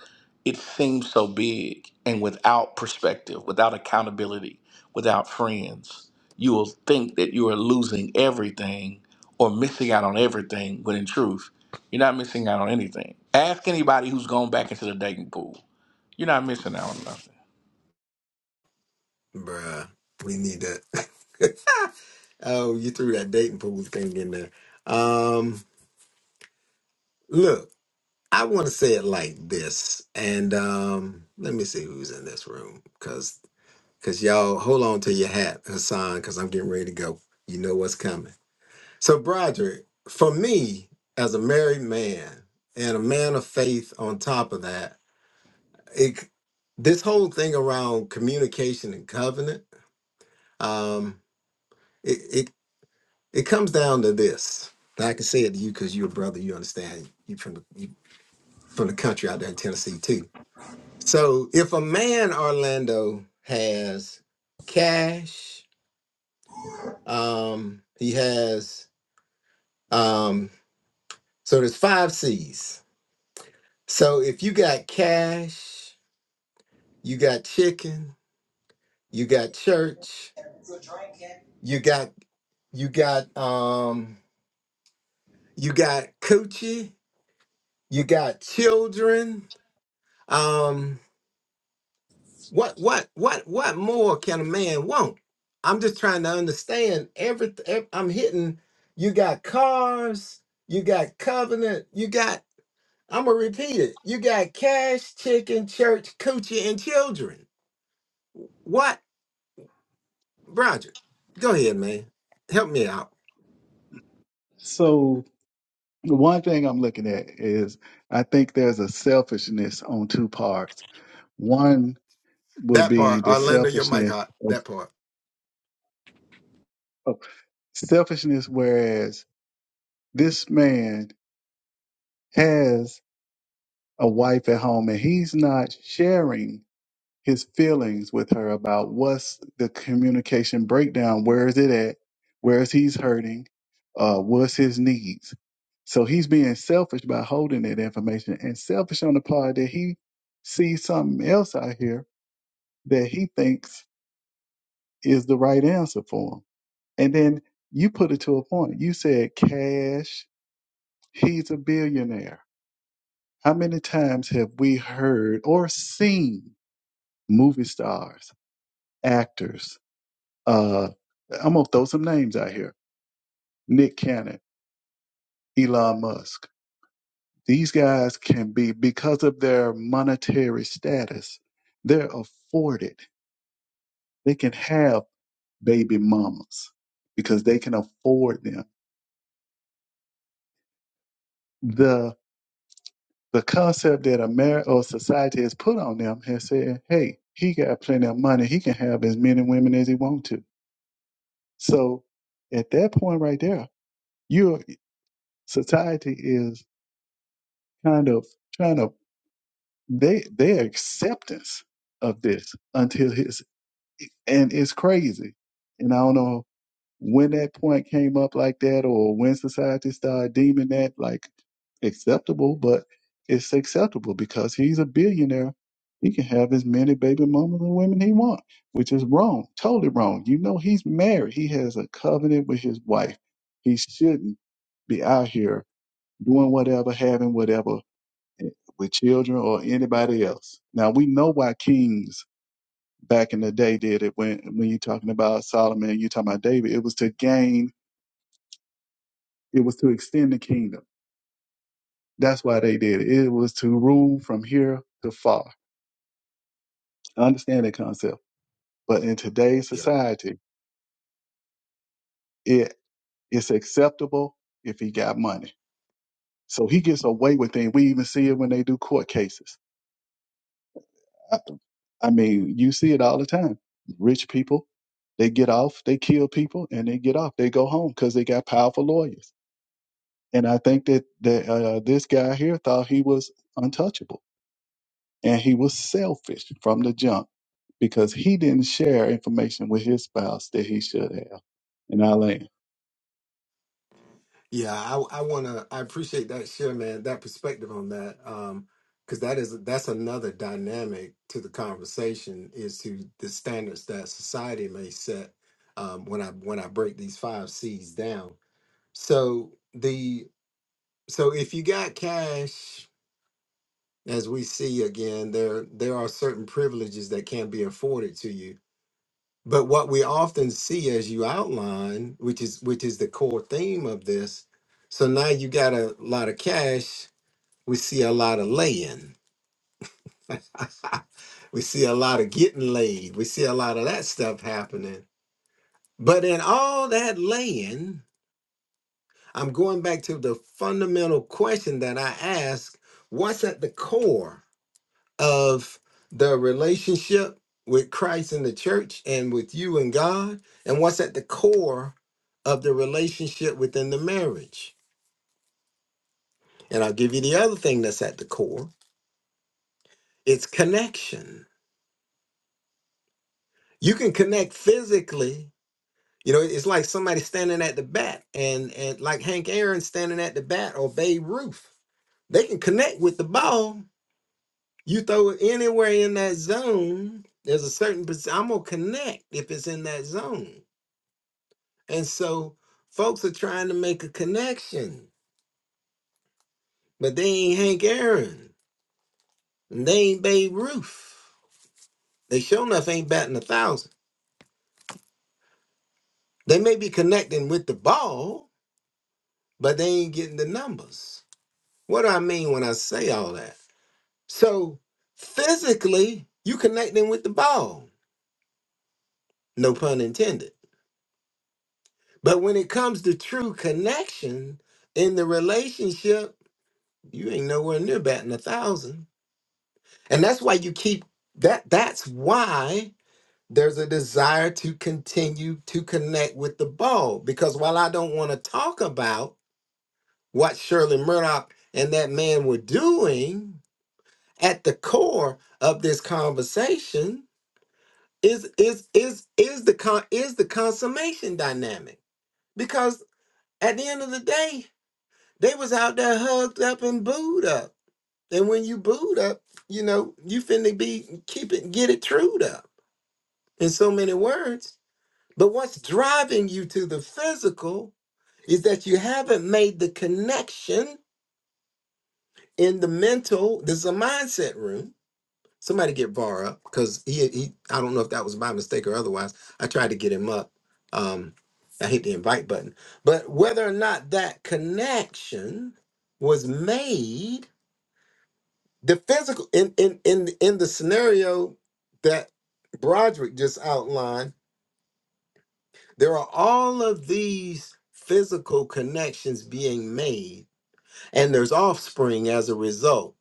it seems so big. And without perspective, without accountability, without friends, you will think that you are losing everything or missing out on everything. When in truth, you're not missing out on anything. Ask anybody who's gone back into the dating pool. You're not missing out on nothing. bruh. We need that. [LAUGHS] Oh, you threw that dating pool thing in there. Um, look, I want to say it like this, and um, let me see who's in this room, cause, cause y'all hold on to your hat, Hassan, cause I'm getting ready to go. You know what's coming. So, Broderick, for me as a married man and a man of faith, on top of that, it, this whole thing around communication and covenant, um, It comes down to this. And I can say it to you because you're a brother. You understand. You from the you from the country out there in Tennessee too. So if a man Orlando has cash, um, he has um. So there's five C's. So if you got cash, you got chicken, you got church, you got you got um, you got coochie, you got children. um, What what what what more can a man want? I'm just trying to understand everything. I'm hitting. You got cars. You got covenant. You got. I'm gonna repeat it. You got cash, chicken, church, coochie, and children. What, Roger? Go ahead, man. Help me out. So the one thing I'm looking at is I think there's a selfishness on two parts. One will That be part, the Orlando, your mic selfishness hot. of That part. of- selfishness whereas this man has a wife at home and he's not sharing his feelings with her about what's the communication breakdown, where is it at, where is he's hurting, uh, what's his needs. So he's being selfish by holding that information and selfish on the part that he sees something else out here that he thinks is the right answer for him. And then you put it to a point. You said cash, he's a billionaire. How many times have we heard or seen movie stars, actors, Uh, I'm gonna throw some names out here: Nick Cannon, Elon Musk. These guys can be because of their monetary status, they're afforded. They can have baby mamas because they can afford them. the The concept that America or society has put on them has said, "Hey, he got plenty of money. He can have as many women as he wants to." So, at that point, right there, your society is kind of trying to they their acceptance of this until his and it's crazy. And I don't know when that point came up like that or when society started deeming that like acceptable, but it's acceptable because he's a billionaire. He can have as many baby mamas and women he want, which is wrong, totally wrong. You know he's married. He has a covenant with his wife. He shouldn't be out here doing whatever, having whatever with children or anybody else. Now we know why kings back in the day did it. When when you're talking about Solomon, you're talking about David. It was to gain. It was to extend the kingdom. That's why they did it. It was to rule from here to far. I understand that concept. But in today's society, it it's acceptable if he got money. So he gets away with things. We even see it when they do court cases happen. I mean, you see it all the time. Rich people, they get off, they kill people, and they get off. They go home because they got powerful lawyers. And I think that that uh, this guy here thought he was untouchable, and he was selfish from the jump because he didn't share information with his spouse that he should have. And I land. Yeah, I, I wanna I appreciate that share, man, that perspective on that. Um, because that is that's another dynamic to the conversation is to the standards that society may set um when I when I break these five C's down. So the so if you got cash, as we see again, there there are certain privileges that can be afforded to you but what we often see as you outline, which is which is the core theme of this, so now you got a lot of cash, we see a lot of laying. [LAUGHS] we see a lot of getting laid. We see a lot of that stuff happening. But in all that laying, I'm going back to the fundamental question that I asked, what's at the core of the relationship with Christ and the church and with you and God, and what's at the core of the relationship within the marriage. And I'll give you the other thing that's at the core it's connection. You can connect physically. You know, it's like somebody standing at the bat and, and like Hank Aaron standing at the bat or Babe Ruth. They can connect with the ball. You throw it anywhere in that zone, there's a certain, perc- I'm going to connect if it's in that zone And so folks are trying to make a connection, but they ain't Hank Aaron. And they ain't Babe Ruth. They sure enough ain't batting a thousand. They may be connecting with the ball, but they ain't getting the numbers. What do I mean when I say all that? So physically, you connecting with the ball, no pun intended. But when it comes to true connection in the relationship, you ain't nowhere near batting a thousand And that's why you keep that that's why there's a desire to continue to connect with the ball because while I don't want to talk about what Shirley Murdoch and that man were doing at the core of this conversation is is is is the con is the consummation dynamic because at the end of the day they was out there hugged up and booed up and when you booed up you know you finna be keep it get it trued up in so many words. But what's driving you to the physical is that you haven't made the connection in the mental. This is a mindset room. Somebody get Var up because he, he, I don't know if that was by mistake or otherwise. I tried to get him up. Um, I hit the invite button. But whether or not that connection was made, the physical in in in in the scenario that Broderick just outlined There are all of these physical connections being made, and there's offspring as a result.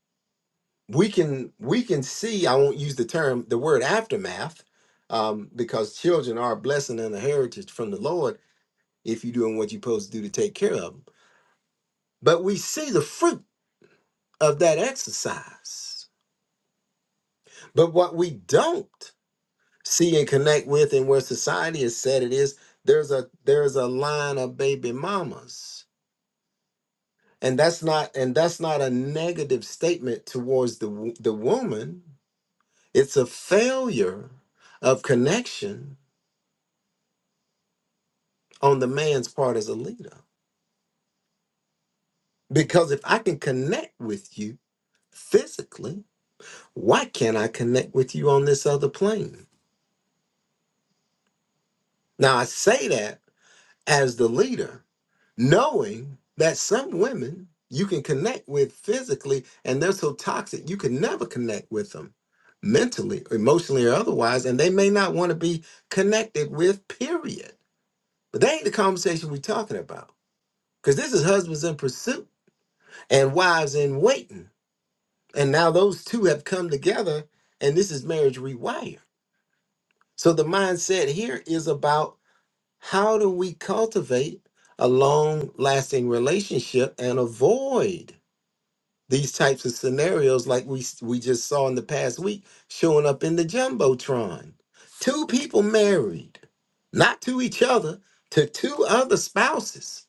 We can we can see. I won't use the term the word aftermath, um, because children are a blessing and a heritage from the Lord if you're doing what you're supposed to do to take care of them. But we see the fruit of that exercise. But what we don't see and connect with, and where society has said it is, there's a there's a line of baby mamas and that's not and that's not a negative statement towards the wo- the woman it's a failure of connection on the man's part as a leader because if i can connect with you physically why can't i connect with you on this other plane now i say that as the leader, knowing that some women you can connect with physically and they're so toxic you can never connect with them mentally, emotionally, or otherwise, and they may not want to be connected with, period. But that ain't the conversation we're talking about. Because this is husbands in pursuit and wives in waiting. And now those two have come together, and this is marriage rewired. So the mindset here is about How do we cultivate a long lasting relationship and avoid these types of scenarios like we s- we just saw in the past week showing up in the jumbotron? Two people married, not to each other, to two other spouses.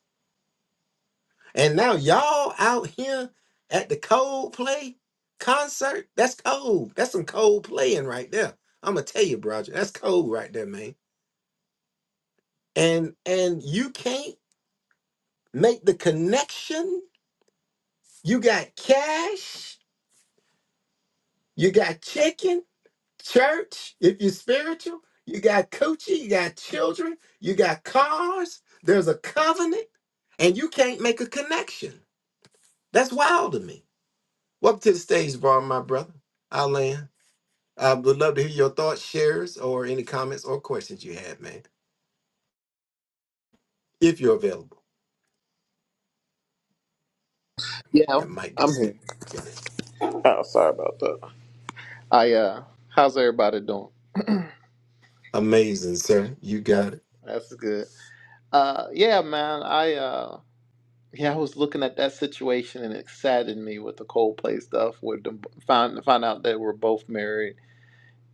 And now y'all out here at the Coldplay concert? That's cold. That's some cold playing right there. I'm gonna tell you, Roger, that's cold right there, man. And and you can't Make the connection. You got cash. You got chicken, church, if you're spiritual. You got coochie. You got children. You got cars. There's a covenant, and you can't make a connection. That's wild to me. Welcome to the stage, Bar, my brother. I'll land. I would love to hear your thoughts, shares, or any comments or questions you have, man, if you're available. Yeah, I'm, That might get I'm here. sticky. Yeah. Oh, sorry about that. I uh, how's everybody doing? Amazing, sir. You got it. That's good. Uh, yeah, man. I uh, yeah, I was looking at that situation and it saddened me with the Coldplay stuff. Where the, found found out they were both married,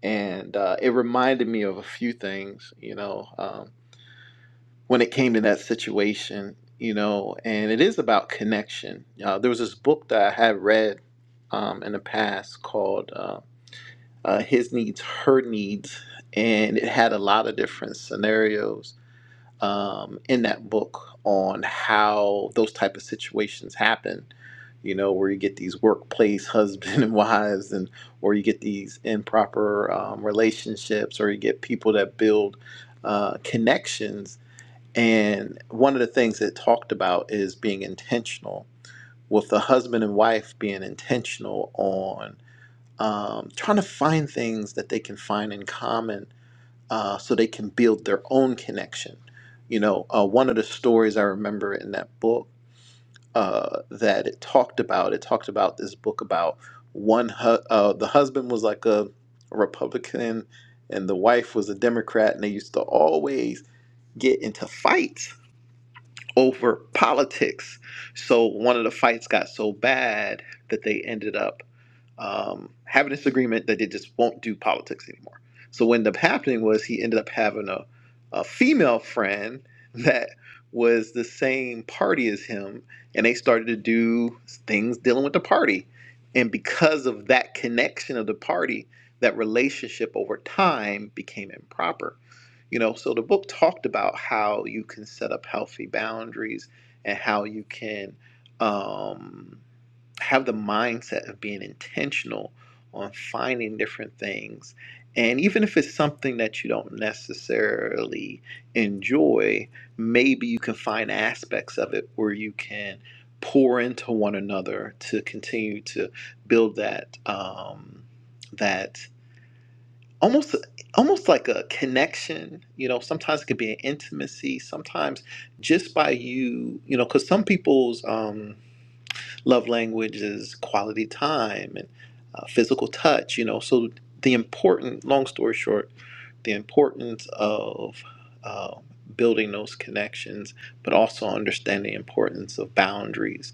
and uh, it reminded me of a few things. You know, um, when it came to that situation, you know, and it is about connection. Uh, there was this book that I had read um, in the past called. Uh, uh, his needs, her needs, and it had a lot of different scenarios um, in that book on how those type of situations happen. You know, where you get these workplace [LAUGHS] husband and wives, and or you get these improper um, relationships, or you get people that build uh, connections. And one of the things it talked about is being intentional with the husband and wife being intentional on um, trying to find things that they can find in common uh, so they can build their own connection. You know, uh, one of the stories I remember in that book uh, that it talked about, it talked about this book about one, hu- uh, the husband was like a Republican and the wife was a Democrat, and they used to always get into fights over politics. So one of the fights got so bad that they ended up um, having this agreement that they just won't do politics anymore. So what ended up happening was he ended up having a, a female friend that was the same party as him, and they started to do things dealing with the party. And because of that connection of the party, that relationship over time became improper. You know, so the book talked about how you can set up healthy boundaries and how you can um, have the mindset of being intentional on finding different things. And even if it's something that you don't necessarily enjoy, maybe you can find aspects of it where you can pour into one another to continue to build that um, that almost almost like a connection you know sometimes it could be an intimacy sometimes just by you you know because some people's um, love language is quality time and uh, physical touch you know so the important long story short the importance of uh, building those connections but also understanding the importance of boundaries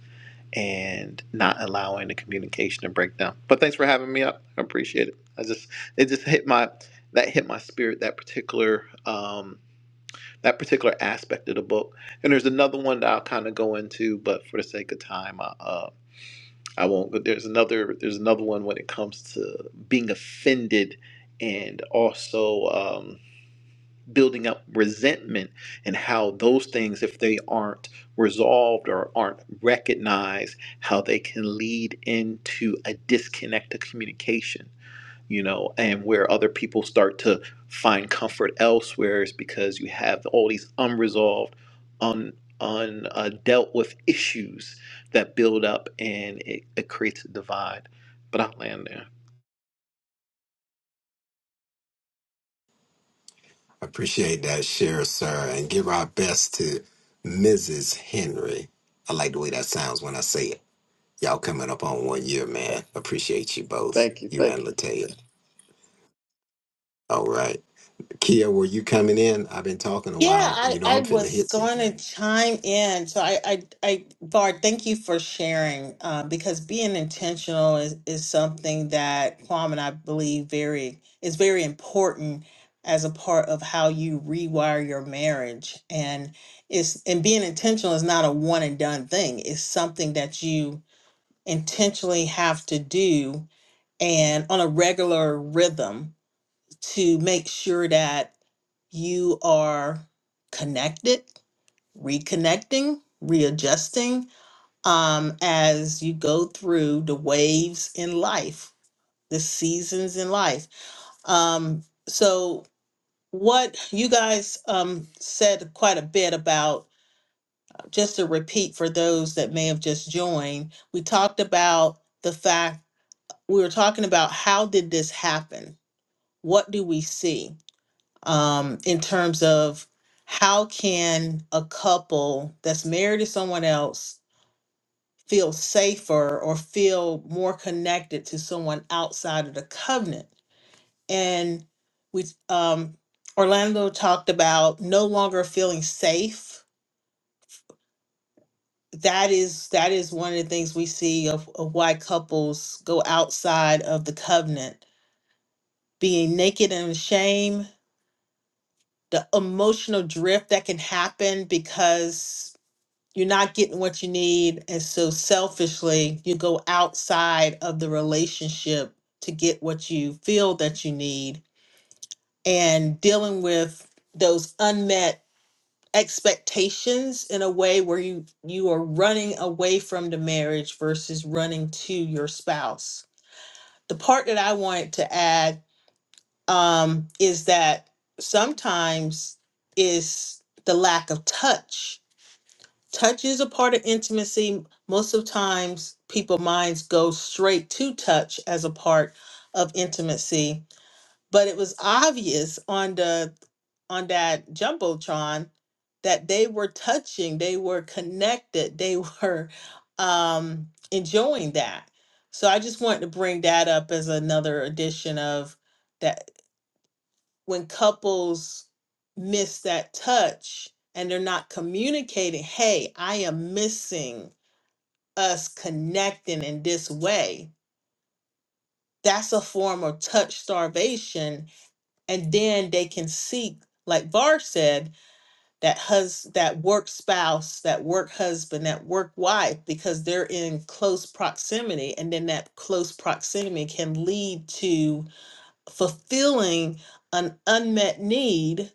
and not allowing the communication to break down. But thanks for having me up. I appreciate it. I just it just hit my that hit my spirit that particular um that particular aspect of the book. And there's another one that I'll kind of go into, but for the sake of time, I, uh I won't. But there's another there's another one when it comes to being offended and also um, building up resentment and how those things, if they aren't resolved or aren't recognized, how they can lead into a disconnect of communication, you know, and where other people start to find comfort elsewhere is because you have all these unresolved, un un uh, dealt with issues that build up and it, it creates a divide. But I'll land there. Appreciate that share, sir, and give our best to Mrs. Henry. I like the way that sounds when I say it. Y'all coming up on one year, man. Appreciate you both, Thank you, you thank and you. Latia. All right. Kia, were you coming in? I've been talking a Yeah, while. I, You know, I I'm finna was hit. going to chime in. So I, I, I, Bard, thank you for sharing uh, because being intentional is, is something that Kwame and I believe very is very important as a part of how you rewire your marriage. And it's and being intentional is not a one and done thing. It's something that you intentionally have to do and on a regular rhythm to make sure that you are connected, reconnecting, readjusting um, as you go through the waves in life, the seasons in life. Um, so, what you guys um, said quite a bit about, just to repeat for those that may have just joined, we talked about the fact we were talking about how did this happen? what do we see um, in terms of how can a couple that's married to someone else feel safer or feel more connected to someone outside of the covenant? And we, um, Orlando talked about no longer feeling safe. That is that is one of the things we see of, of why couples go outside of the covenant, being naked and ashamed the emotional drift that can happen because you're not getting what you need. And so selfishly, you go outside of the relationship to get what you feel that you need and dealing with those unmet expectations in a way where you you are running away from the marriage versus running to your spouse. The part that I wanted to add um, is that sometimes is the lack of touch. Touch is a part of intimacy. Most of times, people minds go straight to touch as a part of intimacy. But it was obvious on the on that jumbotron that they were touching, they were connected, they [LAUGHS] were um, enjoying that. So I just wanted to bring that up as another addition of that when couples miss that touch and they're not communicating, hey, I am missing us connecting in this way, that's a form of touch starvation. And then they can seek, like Var said, that hus that work spouse, that work husband, that work wife, because they're in close proximity. And then that close proximity can lead to fulfilling an unmet need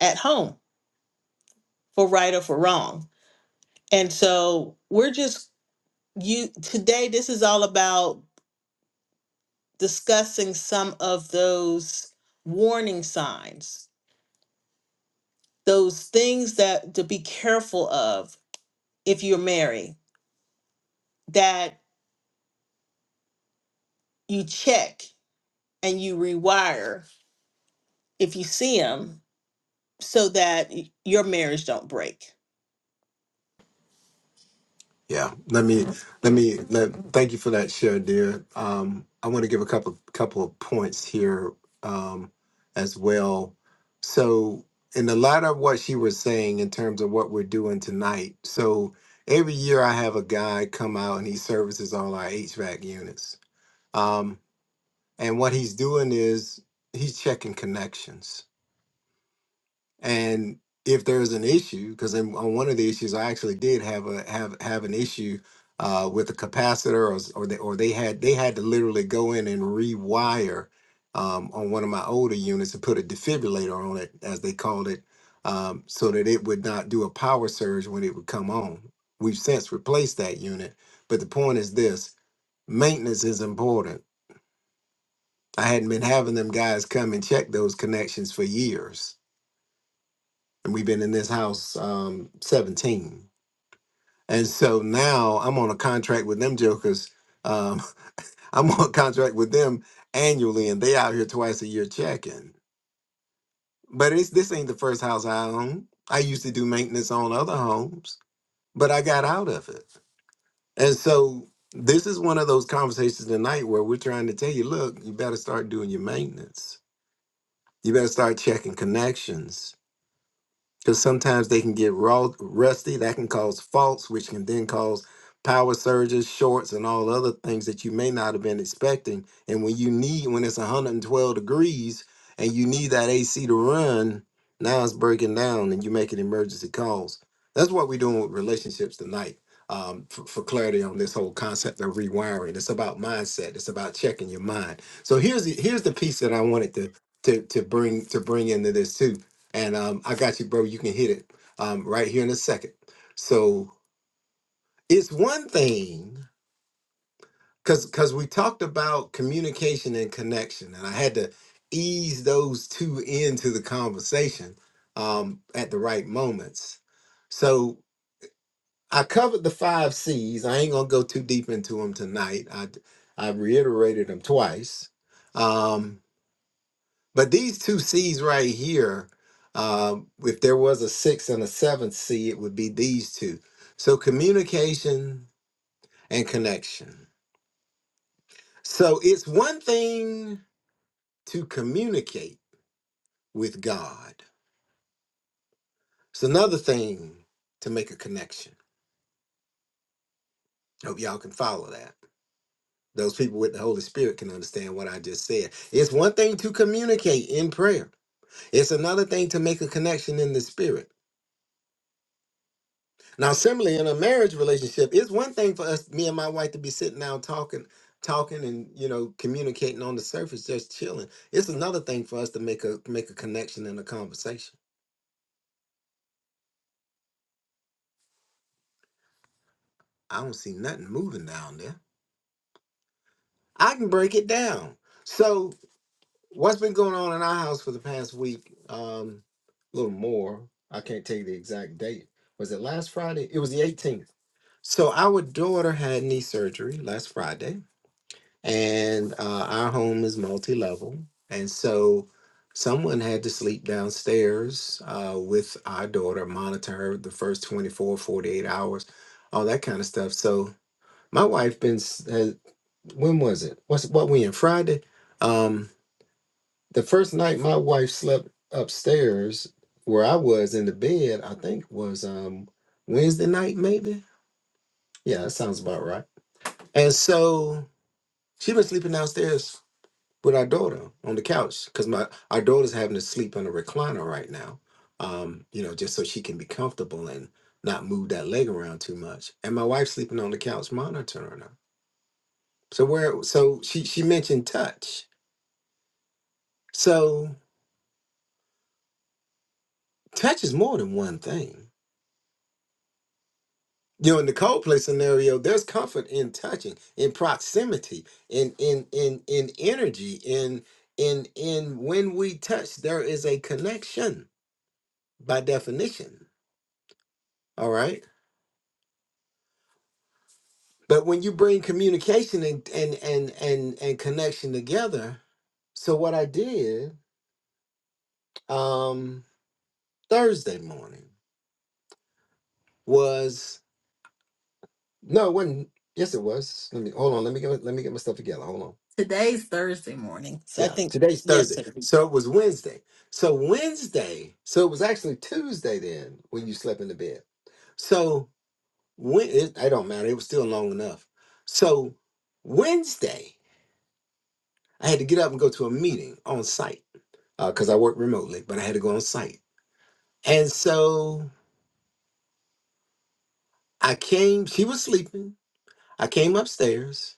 at home for right or for wrong. And so we're just you today this is all about discussing some of those warning signs, those things that to be careful of if you're married that you check and you rewire if you see them so that y- your marriage don't break. Yeah, let me let me let, thank you for that share, dear. Um, I want to give a couple couple of points here um, as well. So, in the light of what she was saying in terms of what we're doing tonight, so every year I have a guy come out and he services all our HVAC units. Um, and what he's doing is he's checking connections. And if there's an issue, because on one of the issues, I actually did have a have have an issue uh, with the capacitor, or s- or they, or they had they had to literally go in and rewire um, on one of my older units and put a defibrillator on it, as they called it, um, so that it would not do a power surge when it would come on. We've since replaced that unit, but the point is this: maintenance is important. I hadn't been having them guys come and check those connections for years and we've been in this house um 17 and so now i'm on a contract with them jokers um [LAUGHS] i'm on a contract with them annually and they out here twice a year checking but it's this ain't the first house i own i used to do maintenance on other homes but i got out of it and so this is one of those conversations tonight where we're trying to tell you look you better start doing your maintenance you better start checking connections because sometimes they can get raw, rusty. That can cause faults, which can then cause power surges, shorts, and all other things that you may not have been expecting. And when you need, when it's 112 degrees and you need that AC to run, now it's breaking down and you're making emergency calls. That's what we're doing with relationships tonight. Um, for, for clarity on this whole concept of rewiring, it's about mindset. It's about checking your mind. So here's the, here's the piece that I wanted to to to bring to bring into this too and um, I got you, bro. You can hit it um, right here in a second. So it's one thing because because we talked about communication and connection, and I had to ease those two into the conversation um, at the right moments. So I covered the five C's. I ain't gonna go too deep into them tonight. I I reiterated them twice. Um, But these two C's right here, um, if there was a sixth and a seventh C, it would be these two. So communication and connection. So it's one thing to communicate with God, it's another thing to make a connection. Hope y'all can follow that. Those people with the Holy Spirit can understand what I just said. It's one thing to communicate in prayer, it's another thing to make a connection in the Spirit. Now, similarly, in a marriage relationship, it's one thing for us, me and my wife, to be sitting down talking, talking, and you know, communicating on the surface, just chilling. It's another thing for us to make a make a connection in a conversation. I don't see nothing moving down there. I can break it down. So, what's been going on in our house for the past week? Um, a little more. I can't tell you the exact date. Was it last Friday? It was the 18th. So, our daughter had knee surgery last Friday and uh, our home is multi-level and so someone had to sleep downstairs uh, with our daughter monitor her the first 24, 48 hours all that kind of stuff so my wife been s- has, when was it what's what we in friday um the first night my wife slept upstairs where i was in the bed i think was um wednesday night maybe yeah that sounds about right and so she been sleeping downstairs with our daughter on the couch because my our daughter's having to sleep in a recliner right now um you know just so she can be comfortable and not move that leg around too much and my wife's sleeping on the couch monitoring her so where so she she mentioned touch so touch is more than one thing you know in the cold play scenario there's comfort in touching in proximity in in in in energy in in in when we touch there is a connection by definition all right But when you bring communication and and and and, and connection together, so what I did um Thursday morning was no, it wasn't. Yes, it was. Let me hold on. Let me get my- let me get my stuff together. Hold on. Today's Thursday morning. So I Yeah, think today's Thursday, yesterday. so it was Wednesday. So Wednesday, so it was actually Tuesday then when you slept in the bed. So when it, it don't matter, it was still long enough. So Wednesday, I had to get up and go to a meeting on site. because I worked remotely, but I had to go on site. And so I came, she was sleeping. I came upstairs.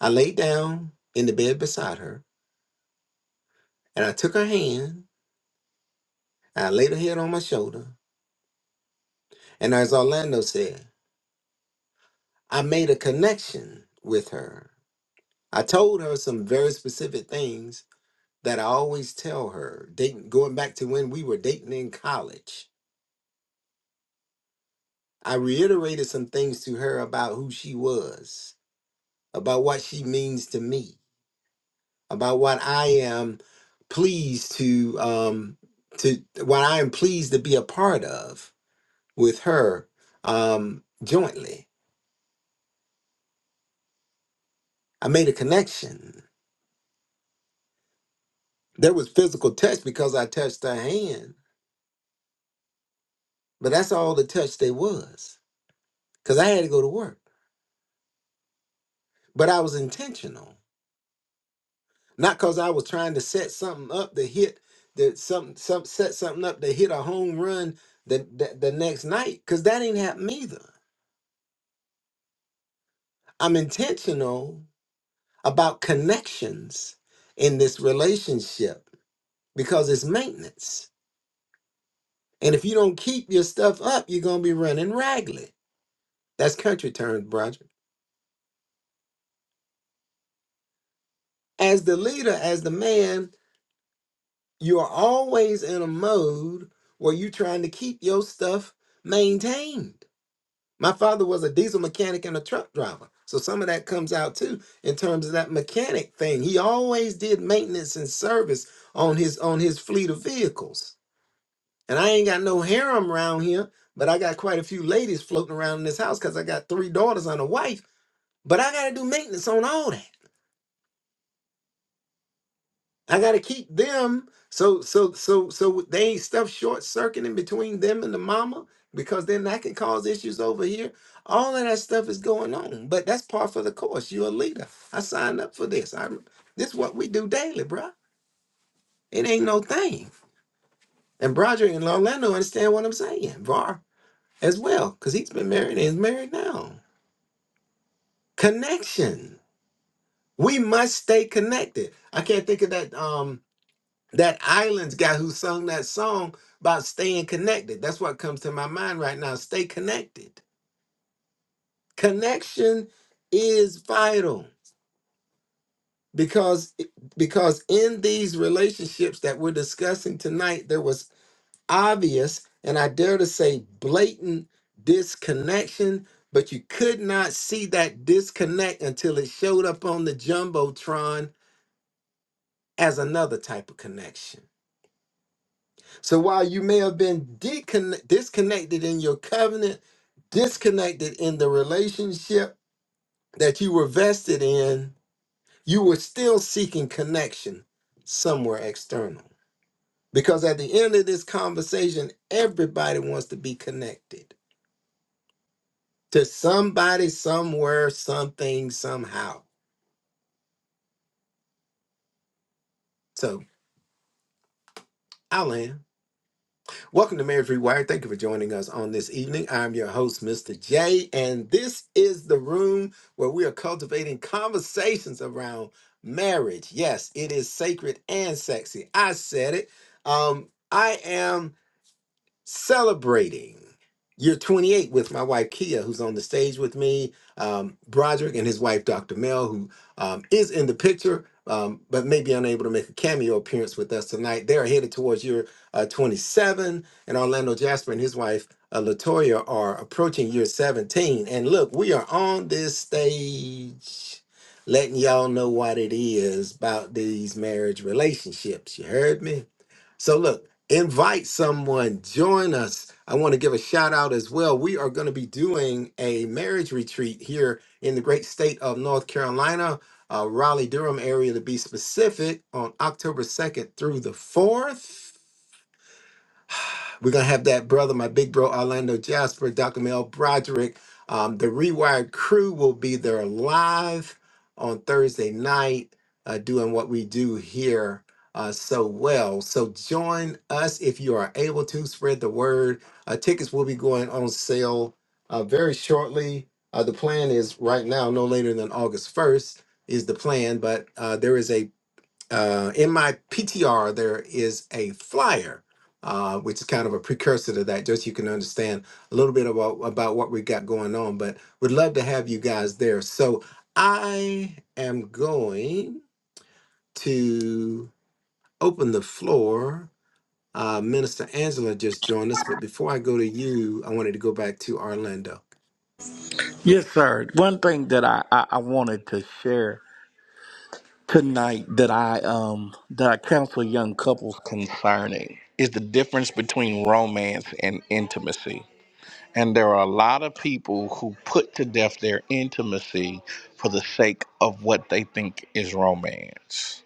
I laid down in the bed beside her and I took her hand and I laid her head on my shoulder. And as Orlando said, I made a connection with her. I told her some very specific things that I always tell her, dating, going back to when we were dating in college. I reiterated some things to her about who she was, about what she means to me about what I am pleased to um to what I am pleased to be a part of with her um jointly. I made a connection. There was physical touch because I touched her hand, but that's all the touch there was. Cause I had to go to work. But I was intentional. Not cause I was trying to set something up to hit that some some set something up to hit a home run the, the, the next night. Cause that ain't happened either. I'm intentional about connections in this relationship because it's maintenance. And if you don't keep your stuff up, you're going to be running ragged. That's country terms, Broderick. As the leader, as the man, you are always in a mode where you're trying to keep your stuff maintained. My father was a diesel mechanic and a truck driver. So some of that comes out too in terms of that mechanic thing. He always did maintenance and service on his on his fleet of vehicles And I ain't got no harem around here, but I got quite a few ladies floating around in this house because I got three daughters and a wife. But I gotta do maintenance on all that. I gotta keep them so so so so they ain't stuff short circuiting between them and the mama because then that can cause issues over here. All of that stuff is going on, but that's part for the course. You're a leader. I signed up for this. I this what we do daily, bruh. It ain't no thing. And Broderick and Orlando understand what I'm saying, Var as well, because he's been married and is married now. connection. We must stay connected. I can't think of that um that islands guy who sung that song about staying connected. That's what comes to my mind right now. Stay connected. Connection is vital because because in these relationships that we're discussing tonight there was obvious and I dare to say blatant disconnection but you could not see that disconnect until it showed up on the jumbotron as another type of connection. So while you may have been decon- disconnected in your covenant, disconnected in the relationship that you were vested in, you were still seeking connection somewhere external. Because at the end of this conversation, everybody wants to be connected to somebody, somewhere, something, somehow. So I'll end. Welcome to Marriage Rewired. Thank you for joining us on this evening. I'm your host, Mr. J, and this is the room where we are cultivating conversations around marriage. Yes, it is sacred and sexy. I said it. Um, I am celebrating year 28 with my wife Kia, who's on the stage with me, um, Broderick and his wife Dr. Mel, who um, is in the picture. Um, but may be unable to make a cameo appearance with us tonight. They're headed towards year uh, 27, and Orlando Jasper and his wife uh, Latoya are approaching year 17. And look, we are on this stage letting y'all know what it is about these marriage relationships. You heard me? So, look invite someone, join us. I want to give a shout out as well. We are going to be doing a marriage retreat here in the great state of North Carolina, uh, Raleigh Durham area to be specific, on October 2nd through the 4th. We're gonna have that brother, my big bro Orlando Jasper, Dr. Mel Broderick. Um, the Rewired crew will be there live on Thursday night, uh, doing what we do here uh, so well. So join us if you are able to spread the word. Uh, tickets will be going on sale uh, very shortly. Uh, the plan is right now, no later than August first is the plan, but uh, there is a uh, in my PTR, there is a flyer, uh, which is kind of a precursor to that, just so you can understand a little bit about, about what we got going on. But would love to have you guys there. So I am going to open the floor. Uh, Minister Angela just joined us, but before I go to you, I wanted to go back to Orlando. Yes, sir. One thing that I, I, I wanted to share tonight that I um that I counsel young couples concerning is the difference between romance and intimacy. And there are a lot of people who put to death their intimacy for the sake of what they think is romance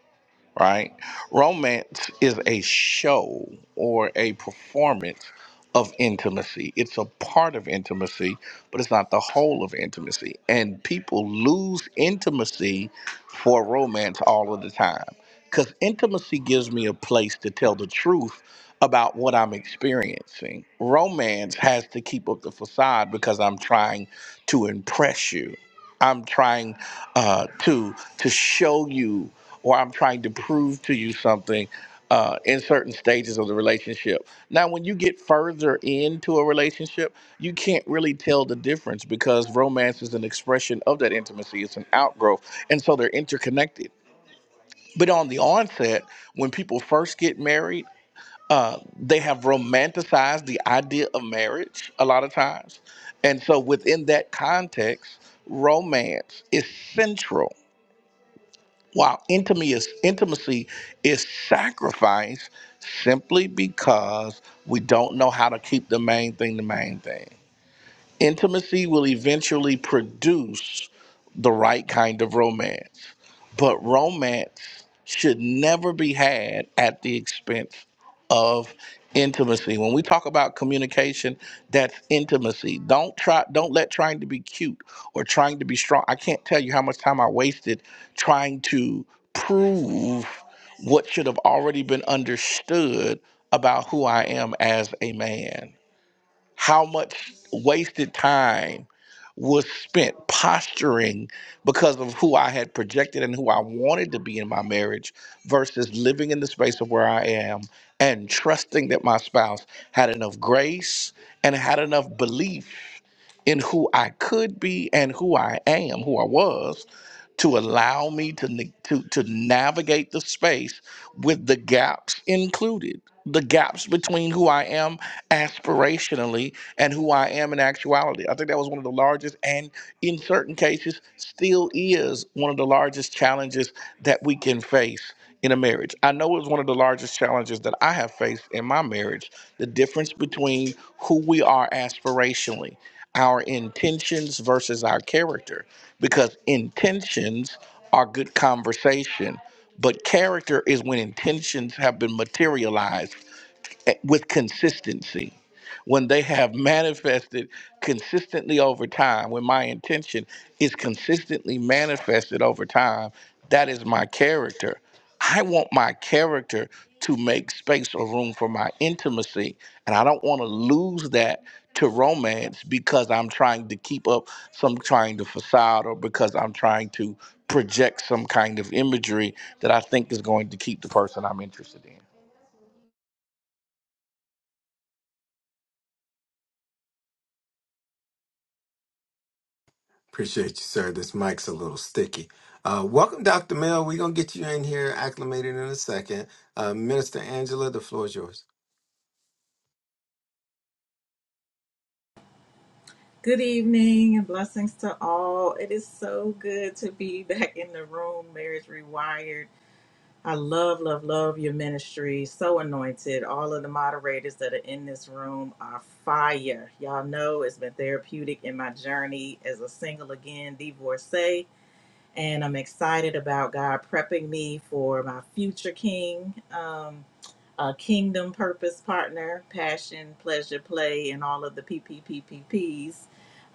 right? Romance is a show or a performance of intimacy. It's a part of intimacy, but it's not the whole of intimacy. And people lose intimacy for romance all of the time because intimacy gives me a place to tell the truth about what I'm experiencing. Romance has to keep up the facade because I'm trying to impress you I'm trying uh, to to show you, or I'm trying to prove to you something uh, in certain stages of the relationship. Now, when you get further into a relationship, you can't really tell the difference because romance is an expression of that intimacy. It's an outgrowth, and so they're interconnected. But on the onset, when people first get married uh, they have romanticized the idea of marriage a lot of times. And so, within that context, romance is central, while intimacy is, intimacy is sacrifice simply because we don't know how to keep the main thing the main thing. Intimacy will eventually produce the right kind of romance, but romance should never be had at the expense of intimacy. When we talk about communication, that's intimacy. Don't try don't let trying to be cute or trying to be strong. I can't tell you how much time I wasted trying to prove what should have already been understood about who I am as a man how much wasted time was spent posturing because of who I had projected and who I wanted to be in my marriage versus living in the space of where I am and trusting that my spouse had enough grace and had enough belief in who I could be and who I am, who I was, to allow me to, ne- to, to navigate the space with the gaps included, the gaps between who I am aspirationally and who I am in actuality. I think that was one of the largest, and in certain cases, still is one of the largest challenges that we can face in a marriage. I know it was one of the largest challenges that I have faced in my marriage the difference between who we are aspirationally, our intentions versus our character, because intentions are good conversation. But character is when intentions have been materialized with consistency when they have manifested consistently over time when my intention is consistently manifested over time that is my character i want my character to make space or room for my intimacy and i don't want to lose that to romance because i'm trying to keep up some trying to facade or because i'm trying to project some kind of imagery that i think is going to keep the person i'm interested in Appreciate you, sir. This mic's a little sticky. Uh, welcome, Dr. Mill. We're going to get you in here acclimated in a second. Uh, Minister Angela, the floor is yours. Good evening and blessings to all. It is so good to be [LAUGHS] back in the room, Marriage Rewired. I love, love, love your ministry. So anointed. All of the moderators that are in this room are fire. Y'all know it's been therapeutic in my journey as a single again divorcee and I'm excited about God prepping me for my future King, um, a kingdom purpose partner, passion, pleasure, play, and all of the PPPPPs.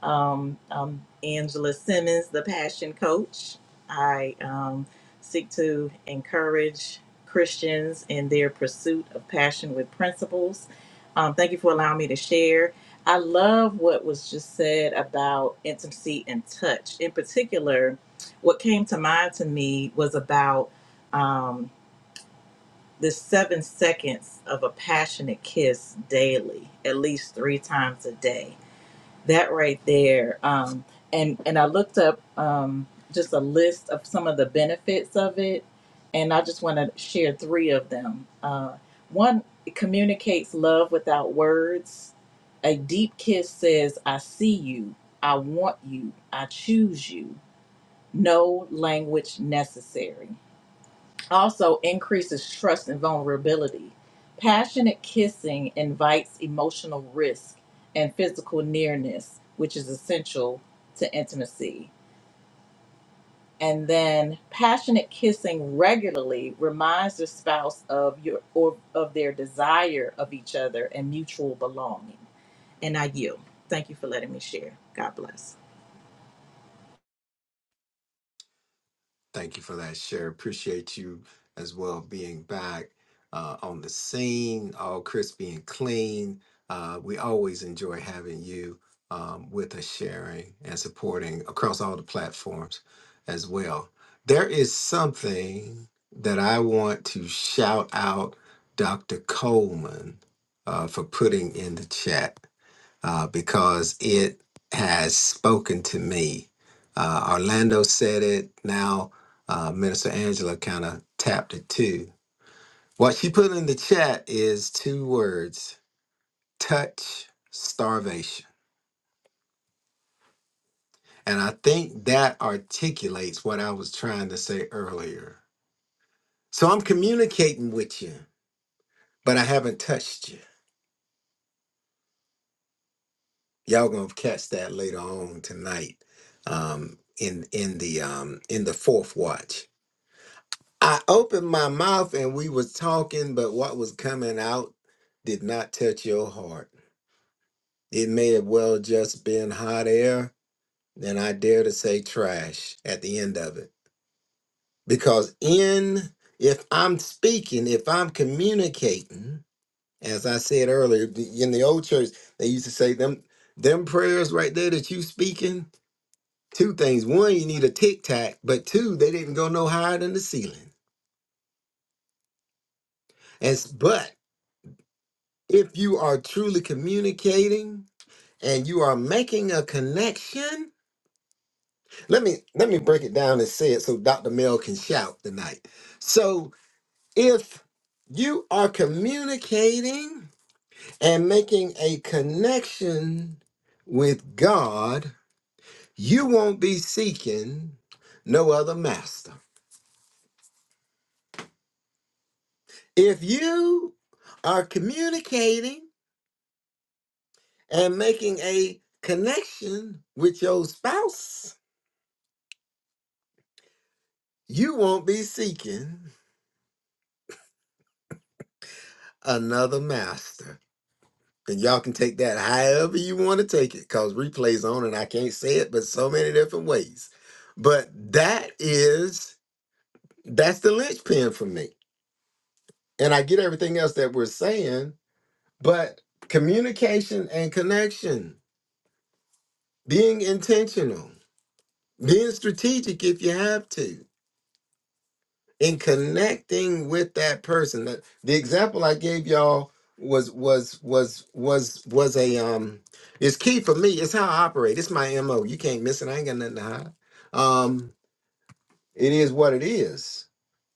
Um, I'm Angela Simmons, the passion coach. I um, seek to encourage Christians in their pursuit of passion with principles. Um, thank you for allowing me to share. I love what was just said about intimacy and touch, in particular what came to mind to me was about um, the seven seconds of a passionate kiss daily, at least three times a day. That right there, um, and and I looked up um, just a list of some of the benefits of it, and I just want to share three of them. Uh, one, it communicates love without words. A deep kiss says, "I see you, I want you, I choose you." no language necessary. Also, increases trust and vulnerability. Passionate kissing invites emotional risk and physical nearness, which is essential to intimacy. And then, passionate kissing regularly reminds the spouse of your or of their desire of each other and mutual belonging. And I yield. Thank you for letting me share. God bless. Thank you for that share. Appreciate you as well being back uh, on the scene, all crispy and clean. Uh, we always enjoy having you um, with us sharing and supporting across all the platforms as well. There is something that I want to shout out Dr. Coleman uh, for putting in the chat uh, because it has spoken to me. Uh, Orlando said it. Now, uh, Minister Angela kind of tapped it too. What she put in the chat is two words touch starvation. And I think that articulates what I was trying to say earlier. So I'm communicating with you, but I haven't touched you. Y'all gonna catch that later on tonight um, in in the um, in the fourth watch. I opened my mouth and we was talking, but what was coming out did not touch your heart. It may have well just been hot air, and I dare to say trash at the end of it. Because in if I'm speaking, if I'm communicating, as I said earlier, the- in the old church, they used to say them them prayers right there that you speaking, two things. One, you need a tic tac, but two, they didn't go no higher than the ceiling. As but If you are truly communicating and you are making a connection, let me let me break it down and say it so Dr. Mel can shout tonight. So if you are communicating and making a connection with God, you won't be seeking no other master. If you are communicating and making a connection with your spouse, You won't be seeking another master. And y'all can take that however you want to take it, because replay's on and I can't say it, but so many different ways. But that is that's the linchpin for me. And I get everything else that we're saying, but communication and connection, being intentional, being strategic if you have to. in connecting with that person. that the example I gave y'all was was was was was a um it's key for me. It's how I operate. It's my MO. You can't miss it. I ain't got nothing to hide. Um it is what it is.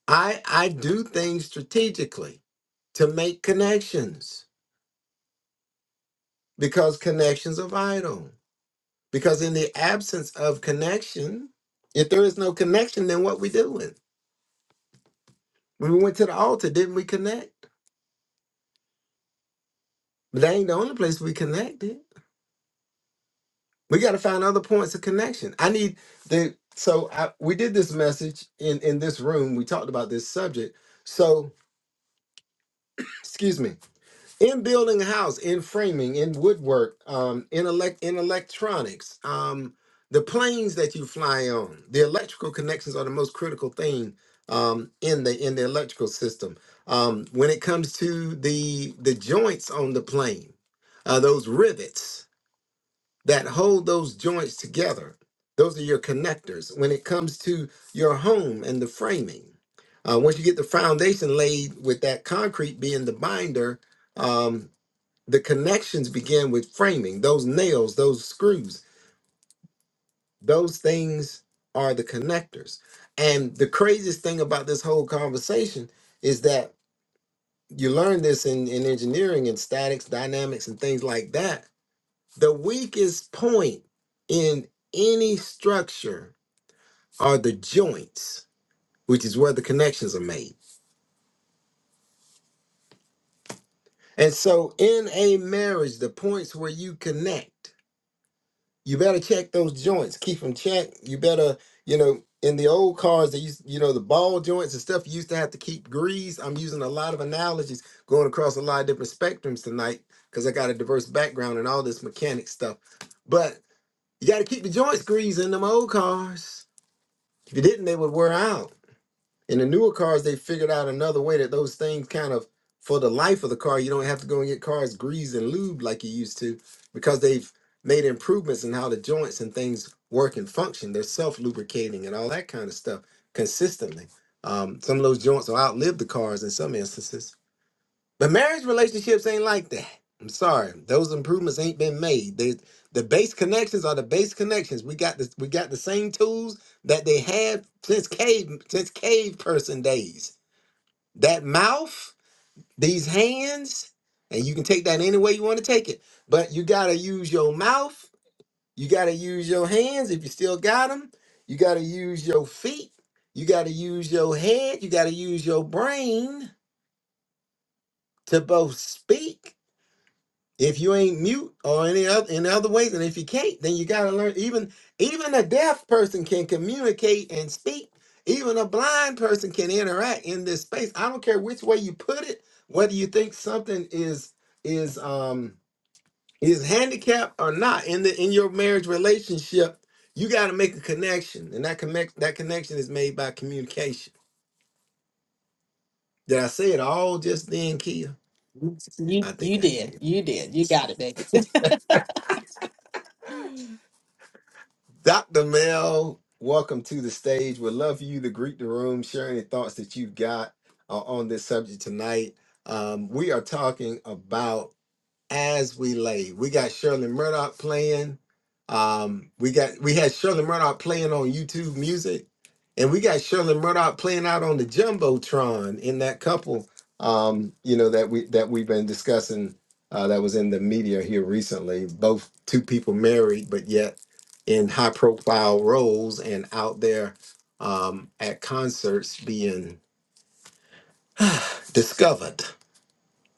I I do things strategically to make connections because connections are vital. Because in the absence of connection, if there is no connection, then what we doing? When we went to the altar, didn't we connect? But that ain't the only place we connected We got to find other points of connection. I need the so I, we did this message in in this room. We talked about this subject. So excuse me. In building a house, in framing, in woodwork, um, in elect in electronics, um, the planes that you fly on, the electrical connections are the most critical thing um, in the in the electrical system. Um, when it comes to the the joints on the plane, uh, those rivets that hold those joints together. Those are your connectors when it comes to your home and the framing. Uh, once you get the foundation laid with that concrete being the binder, um, the connections begin with framing. Those nails, those screws, those things are the connectors. And the craziest thing about this whole conversation is that you learn this in, in engineering and statics, dynamics, and things like that the weakest point in any structure are the joints, which is where the connections are made. And so in a marriage, the points where you connect, you better check those joints, keep them checked. You better, you know, in the old cars, they used, you know, the ball joints and stuff, you used to have to keep greased. I'm using a lot of analogies going across a lot of different spectrums tonight because I got a diverse background and all this mechanic stuff. But you got to keep the joints greased in them old cars. If you didn't, they would wear out. In the newer cars, they figured out another way that those things kind of, for the life of the car, you don't have to go and get cars greased and lubed like you used to because they've made improvements in how the joints and things work and function. They're self lubricating and all that kind of stuff consistently. Um, some of those joints will outlive the cars in some instances. But marriage relationships ain't like that. I'm sorry. Those improvements ain't been made. They, the base connections are the base connections. We got this we got the same tools that they had since cave since cave person days. That mouth, these hands, and you can take that any way you want to take it. But you gotta use your mouth, you gotta use your hands if you still got them, you gotta use your feet, you gotta use your head, you gotta use your brain to both speak if you ain't mute or any other in other ways and if you can't then you got to learn even even a deaf person can communicate and speak even a blind person can interact in this space i don't care which way you put it whether you think something is is um is handicapped or not in the in your marriage relationship you got to make a connection and that connect that connection is made by communication did i say it all just then kia You i you think i did did. You did. You got it, baby. [LAUGHS] Dr. Mel, welcome to the stage. Would love for you to greet the room, share any thoughts that you've got uh, on this subject tonight. Um, we are talking about as we lay. We got Shirley Murdoch playing. Um, we got we had Shirley Murdoch playing on YouTube Music, and we got Shirley Murdoch playing out on the jumbotron in that couple. Um, you know that we that we've been discussing uh, that was in the media here recently. Both two people married, but yet in high profile roles and out there um, at concerts being discovered.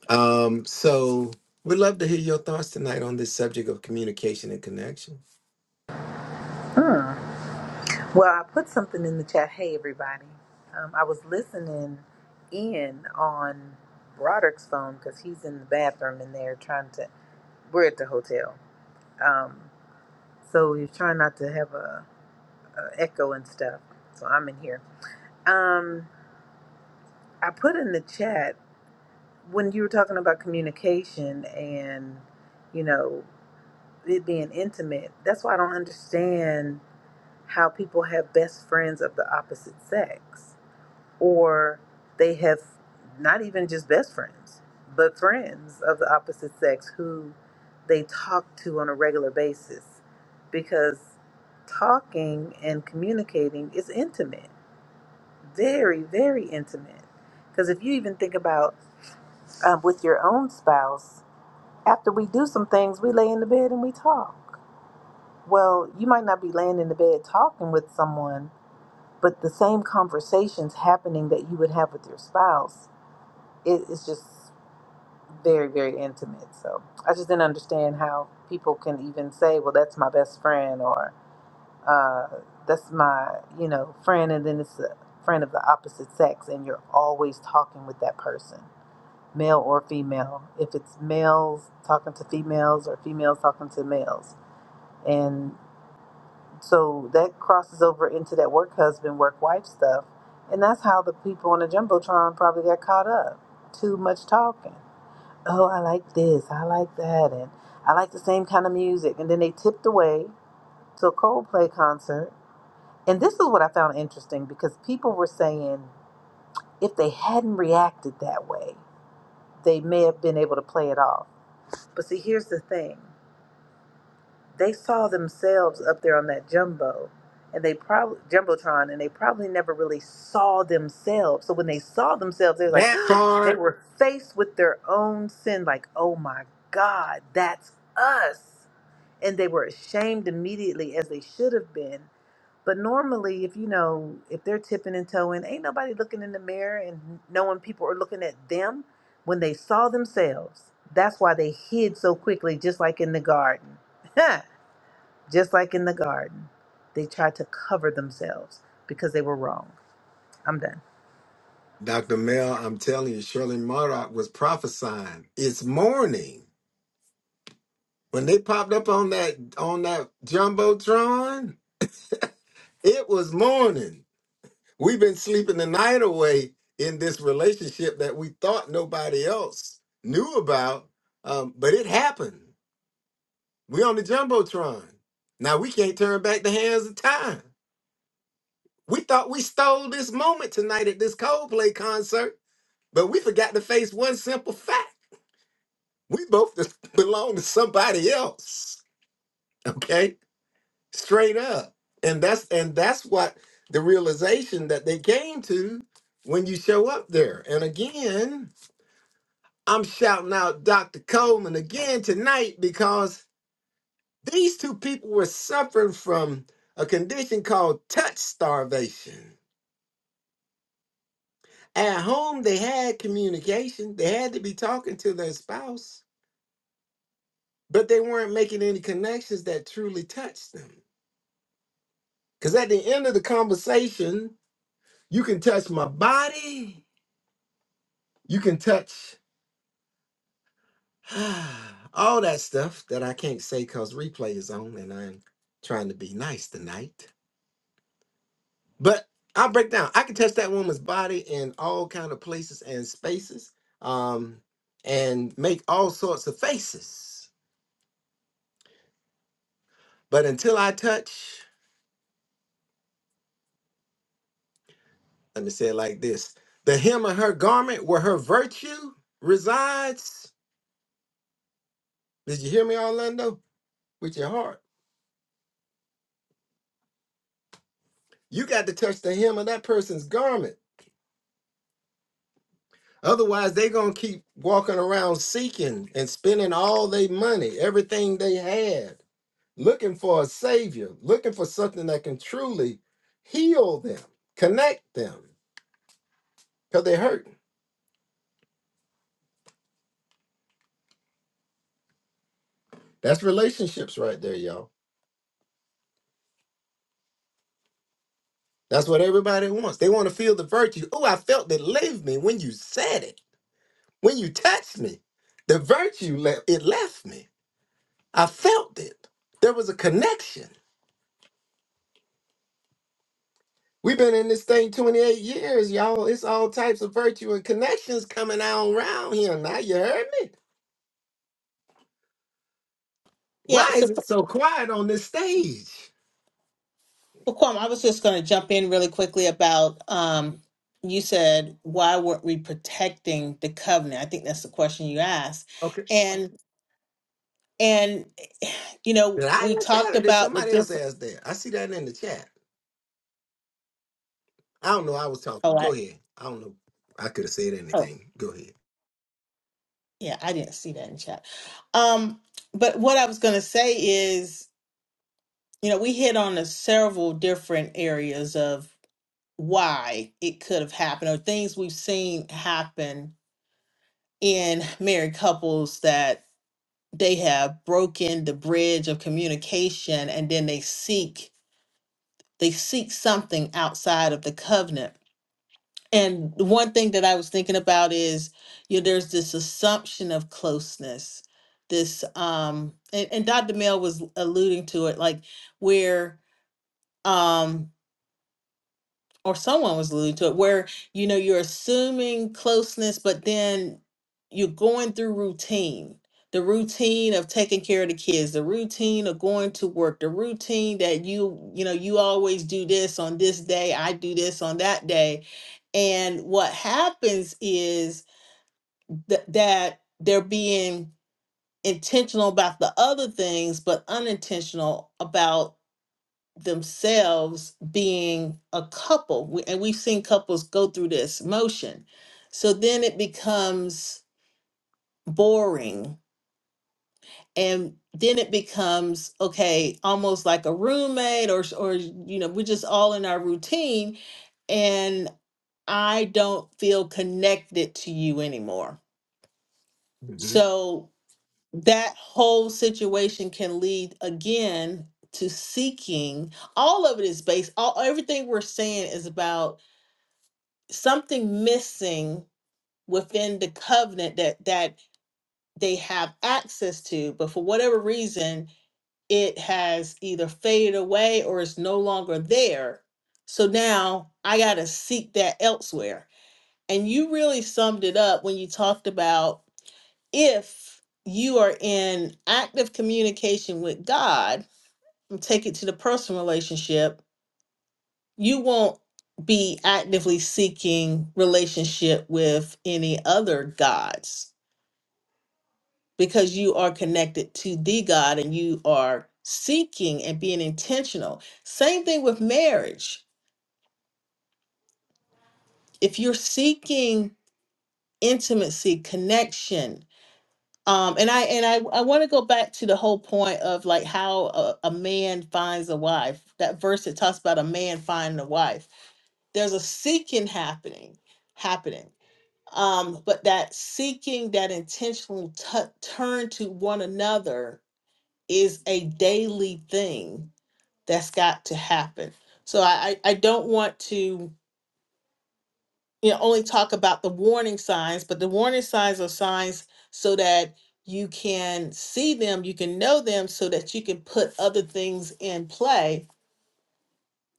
Um, so we'd love to hear your thoughts tonight on this subject of communication and connection. Hmm. Well, I put something in the chat. Hey, everybody. Um, I was listening in on Broderick's phone because he's in the bathroom in there trying to. We're at the hotel. Um, so he's trying not to have a, a echo and stuff. So I'm in here. Um, I put in the chat when you were talking about communication and, you know, it being intimate. That's why I don't understand how people have best friends of the opposite sex or they have not even just best friends, but friends of the opposite sex who they talk to on a regular basis because talking and communicating is intimate, very, very intimate. Because if you even think about um, with your own spouse, after we do some things, we lay in the bed and we talk. Well, you might not be laying in the bed talking with someone, but the same conversations happening that you would have with your spouse it is just very very intimate so i just didn't understand how people can even say well that's my best friend or uh, that's my you know friend and then it's a friend of the opposite sex and you're always talking with that person male or female if it's males talking to females or females talking to males and so that crosses over into that work husband work wife stuff and that's how the people on the jumbotron probably got caught up too much talking oh, I like this, I like that, and I like the same kind of music. And then they tipped away to a Coldplay concert. And this is what I found interesting because people were saying if they hadn't reacted that way, they may have been able to play it off. But see, here's the thing they saw themselves up there on that jumbo and they probably jumbotron and they probably never really saw themselves so when they saw themselves they were like That [GASPS] they part, were faced with their own sin like oh my god that's us and they were ashamed immediately as they should have been but normally if you know if they're tipping and toeing ain't nobody looking in the mirror and knowing people are looking at them when they saw themselves that's why they hid so quickly just like in the garden [LAUGHS] Just like in the garden, they tried to cover themselves because they were wrong. I'm done. Dr. Mel, I'm telling you, Shirley Murdoch was prophesying. It's morning. When they popped up on that on that jumbotron, it was morning. We've been sleeping the night away in this relationship that we thought nobody else knew about, um, but it happened. We on the jumbotron. Now we can't turn back the hands of time. We thought we stole this moment tonight at this Coldplay concert, but we forgot to face one simple fact. We both just [LAUGHS] belong to somebody else. Okay? Straight up. And that's and that's what the realization that they came to when you show up there. And again, I'm shouting out Dr. Coleman again tonight because these two people were suffering from a condition called touch starvation At home, they had communication. They had to be talking to their spouse, but they weren't making any connections that truly touched them. Because at the end of the conversation, you can touch my body, you can touch [SIGHS] all that stuff that I can't say because replay is on and I'm trying to be nice tonight. But I'll break down. I can touch that woman's body in all kind of places and spaces um, and make all sorts of faces. But until I touch, And it said like this The hem of her garment where her virtue resides. Did you hear me, Orlando? With your heart. You got to touch the hem of that person's garment. Otherwise, they're going to keep walking around seeking and spending all their money, everything they had, looking for a savior, looking for something that can truly heal them, connect them, because they're hurting. That's relationships right there, y'all. That's what everybody wants. They want to feel the virtue. Oh, I felt it leave me when you said it. When you touched me, the virtue left it left me. I felt it. There was a connection. We've been in this thing 28 years, y'all. It's all types of virtue and connections coming out around here. Now you heard me. Yeah, Why so is it so quiet on this stage? Well, Kwame, I was just going to jump in really quickly about um, you said why weren't we protecting the covenant? I think that's the question you asked, Okay. and and you know Did we I ask that talked or did about the somebody else different. ask that? I see that in the chat. I don't know. I was talking. Oh, Go I ahead. I don't know. I could have said oh anything. Go ahead. yeah, I didn't see that in chat. Um, but what I was going to say is, you know, we hit on the several different areas of why it could have happened or things we've seen happen in married couples that. they have broken the bridge of communication and then they seek they seek something outside of the covenant and the one thing that i was thinking about is you know there's this assumption of closeness this um and, and dr mel was alluding to it like where um, or someone was alluding to it, where you know you're assuming closeness, but then you're going through routine. The routine of taking care of the kids, the routine of going to work, the routine that you, you know, you always do this on this day, I do this on that day. And what happens is th- that they're being intentional about the other things, but unintentional about themselves being a couple. We, and we've seen couples go through this motion. So then it becomes boring. And then it becomes okay, almost like a roommate, or or you know, we're just all in our routine, and I don't feel connected to you anymore. hmm So that whole situation can lead again to seeking. All of it is based. All everything we're saying is about something missing within the covenant that that they have access to but for whatever reason it has either faded away or it's no longer there so now i got to seek that elsewhere and you really summed it up when you talked about if you are in active communication with god take it to the personal relationship you won't be actively seeking relationship with any other gods because you are connected to the God and you are seeking and being intentional. Same thing with marriage. If you're seeking intimacy, connection, um, and I and I, I want to go back to the whole point of like how a, a man finds a wife. That verse that talks about a man finding a wife. There's a seeking happening, happening. um, but that seeking that intentional t- turn to one another is a daily thing that's got to happen. So I, I I don't want to you know only talk about the warning signs, but the warning signs are signs so that you can see them, you can know them, so that you can put other things in play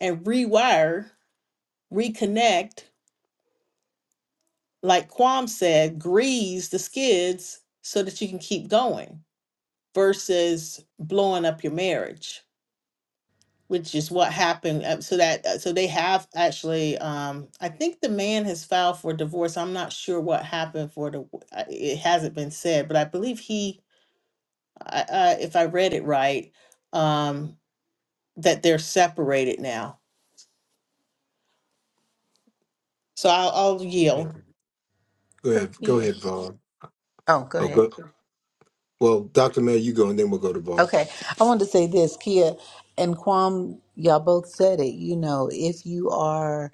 and rewire, reconnect, like Quam said, grease the skids so that you can keep going versus blowing up your marriage, which is what happened. uh, So that uh, so they have actually, um, I think the man has filed for divorce. I'm not sure what happened for the. I- It hasn't been said, but I believe he, I, I, if I read it right, um, that they're separated now. So I'll, I'll Yeah. yield. Go So ahead. Go Kia. ahead, Var. Oh, go Oh, ahead. go. Well, Dr. Mel, you go and then we'll go to Var. Okay, I wanted to say this, Kia and Kwam, y'all both said it. You know, if you are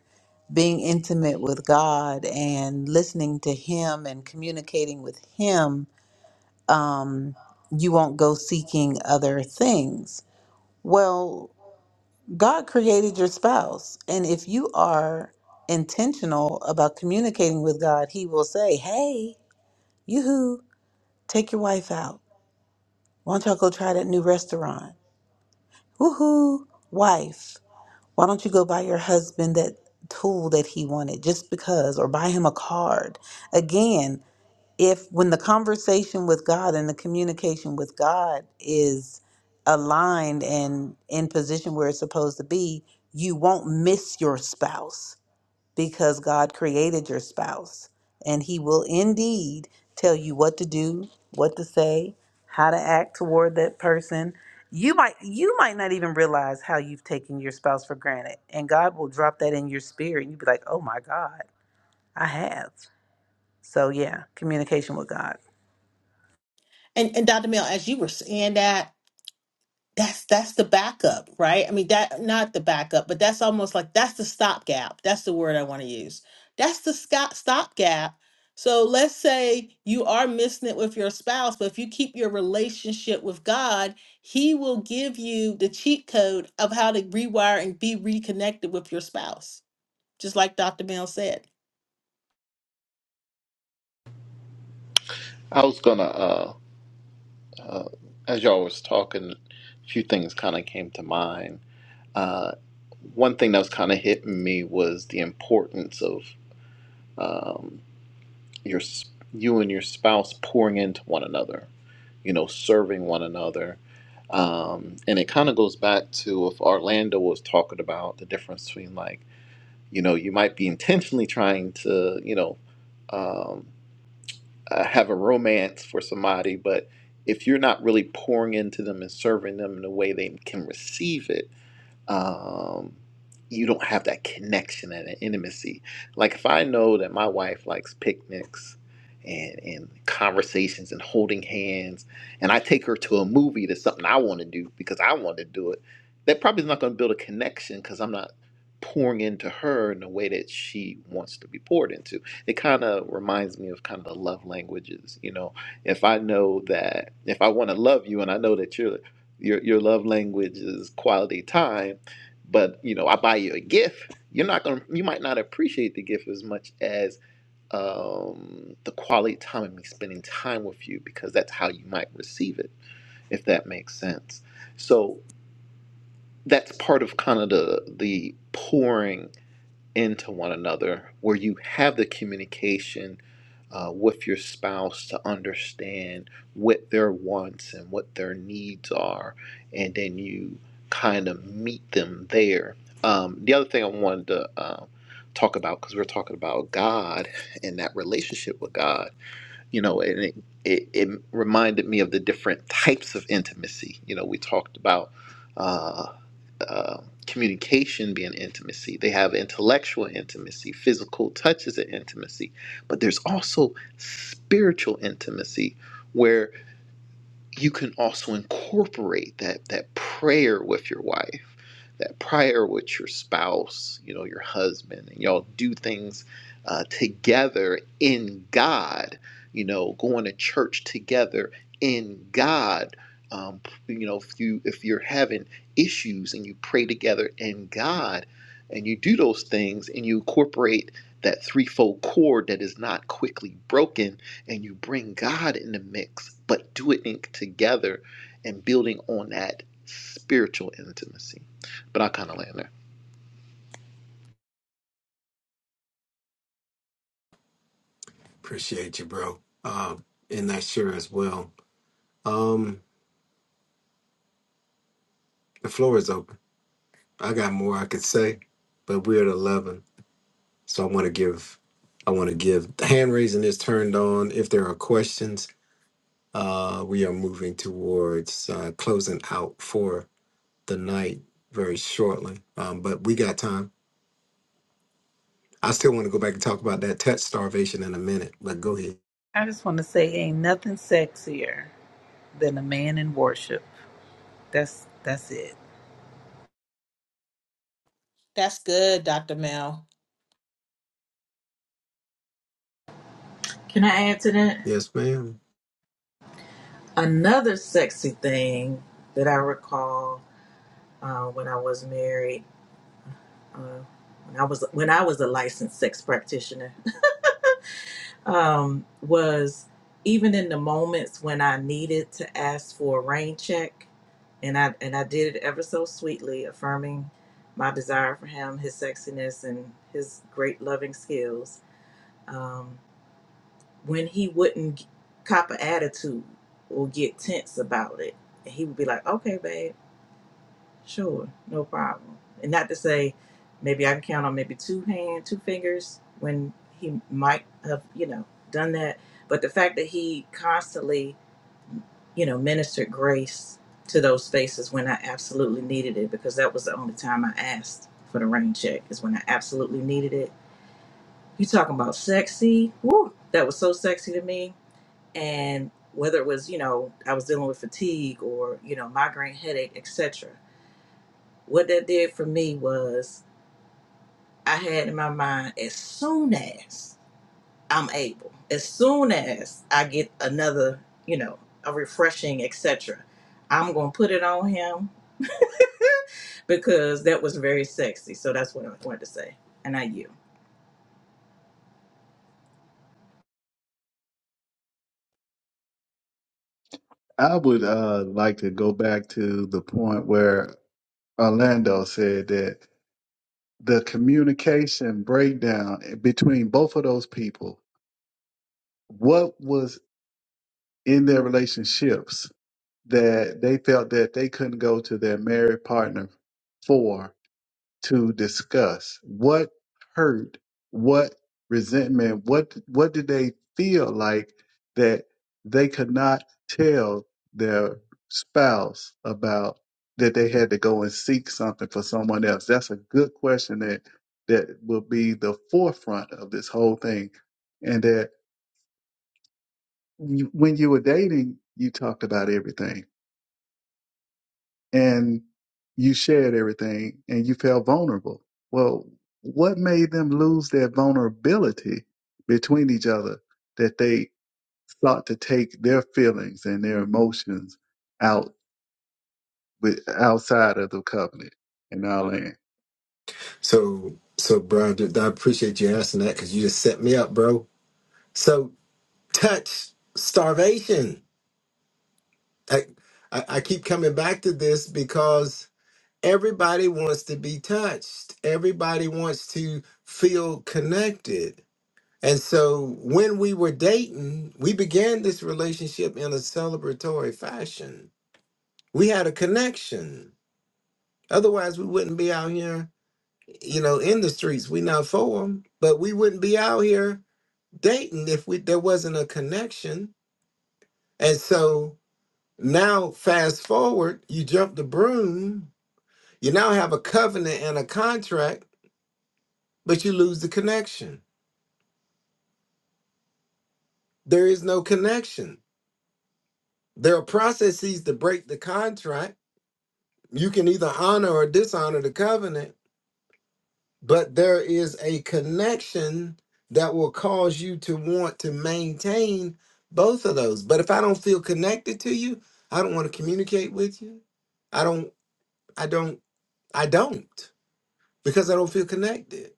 being intimate with God and listening to Him and communicating with Him, um, you won't go seeking other things. Well, God created your spouse. And if you are intentional about communicating with God, He will say, Hey, yoo-hoo, take your wife out. Why don't y'all go try that new restaurant? Woo hoo, wife. Why don't you go buy your husband that tool that he wanted just because, or buy him a card? Again, if when the conversation with God and the communication with God is aligned and in position where it's supposed to be, you won't miss your spouse because God created your spouse and he will indeed tell you what to do, what to say, how to act toward that person. You might you might not even realize how you've taken your spouse for granted and God will drop that in your spirit and you'll be like, "Oh my God, I have." So yeah, communication with God. And and Dr. Mill, as you were saying that. that's that's the backup, right? I mean that not the backup, but that's almost like that's the stopgap. That's the word I want to use. That's the sco- stopgap. So let's say you are missing it with your spouse, but if you keep your relationship with God, He will give you the cheat code of how to rewire and be reconnected with your spouse, just like Dr. Mel said. I was gonna uh Uh, as y'all was talking, a few things kind of came to mind. Uh, one thing that was kind of hitting me was the importance of um, your s- you and your spouse pouring into one another. You know, serving one another. Um, and it kind of goes back to if Orlando was talking about the difference between like, you know, you might be intentionally trying to, you know, um, uh, have a romance for somebody, but if you're not really pouring into them and serving them in a way they can receive it, um, you don't have that connection and that intimacy. Like if I know that my wife likes picnics and and conversations and holding hands, and I take her to a movie that's something I want to do because I want to do it, that probably is not going to build a connection because I'm not pouring into her in the way that she wants to be poured into. It kind of reminds me of kind of the love languages, you know. If I know that if I want to love you and I know that your your your love language is quality time but you know i buy you a gift you're not going to you might not appreciate the gift as much as um, the quality time of me spending time with you because that's how you might receive it if that makes sense so that's part of kind of the the pouring into one another, where you have the communication uh, with your spouse to understand what their wants and what their needs are, and then you kind of meet them there. Um, the other thing I wanted to um talk about, because we're talking about God and that relationship with God, you know, and it, it, it reminded me of the different types of intimacy. You know, we talked about. uh, uh, communication being intimacy. They have intellectual intimacy, physical touch is an intimacy, but there's also spiritual intimacy where you can also incorporate that that prayer with your wife that prayer with your spouse you know your husband and y'all do things uh, together in god you know going to church together in god um, you know if you if you're having issues and you pray together in god and you do those things and you incorporate that threefold cord that is not quickly broken and you bring God in the mix, but do it in, together and building on that spiritual intimacy. But I kind of land there. Appreciate you, bro. Um, and that sure as well. Um, the floor is open. I got more I could say, but we're at eleven, so I want to give. I want to give. The hand raising is turned on. If there are questions, uh, we are moving towards uh, closing out for the night very shortly. Um, but we got time. I still want to go back and talk about that touch starvation in a minute. But go ahead. I just want to say, ain't nothing sexier than a man in worship. That's that's it. That's good, Dr. Mel. Can I add to that? Yes, ma'am. Another sexy thing that I recall uh, when I was married, uh, when I was when I was a licensed sex practitioner, [LAUGHS] um, was even in the moments when I needed to ask for a rain check, and I and I did it ever so sweetly, affirming my desire for him, his sexiness, and his great loving skills. Um, when he wouldn't cop an attitude or get tense about it, and he would be like, "Okay, babe." Sure, no problem. And not to say maybe I can count on maybe two hand, two fingers when he might have, you know, done that. But the fact that he constantly, you know, ministered grace to those spaces when I absolutely needed it, because that was the only time I asked for the rain check, is when I absolutely needed it. You talking about sexy? Woo! That was so sexy to me. And whether it was, you know, I was dealing with fatigue or, you know, migraine headache, etc. What that did for me was I had in my mind as soon as I'm able, as soon as I get another, you know, a refreshing, etc., I'm gonna put it on him [LAUGHS] because that was very sexy. So that's what I wanted to say. And I you. I would uh, like to go back to the point where Orlando said that the communication breakdown between both of those people what was in their relationships that they felt that they couldn't go to their married partner for to discuss what hurt what resentment what what did they feel like that they could not tell their spouse about that they had to go and seek something for someone else that's a good question that that will be the forefront of this whole thing and that you- when you were dating, you talked about everything and you shared everything and you felt vulnerable. Well, what made them lose their vulnerability between each other that they sought to take their feelings and their emotions out with outside of the covenant and all that? So, so Brian, I appreciate you asking that because you just set me up, bro. So touch starvation. I, I, I keep coming back to this because everybody wants to be touched, everybody wants to feel connected. And so when we were dating, we began this relationship in a celebratory fashion. We had a connection. Otherwise, we wouldn't be out here, you know, in the streets. we not for 'em, but we wouldn't be out here dating if we there wasn't a connection. And so Now, fast forward, you jump the broom, you now have a covenant and a contract, but you lose the connection. There is no connection. There are processes to break the contract. You can either honor or dishonor the covenant, but there is a connection that will cause you to want to maintain both of those. But if I don't feel connected to you, I don't want to communicate with you. I don't, I don't, I don't because I don't feel connected.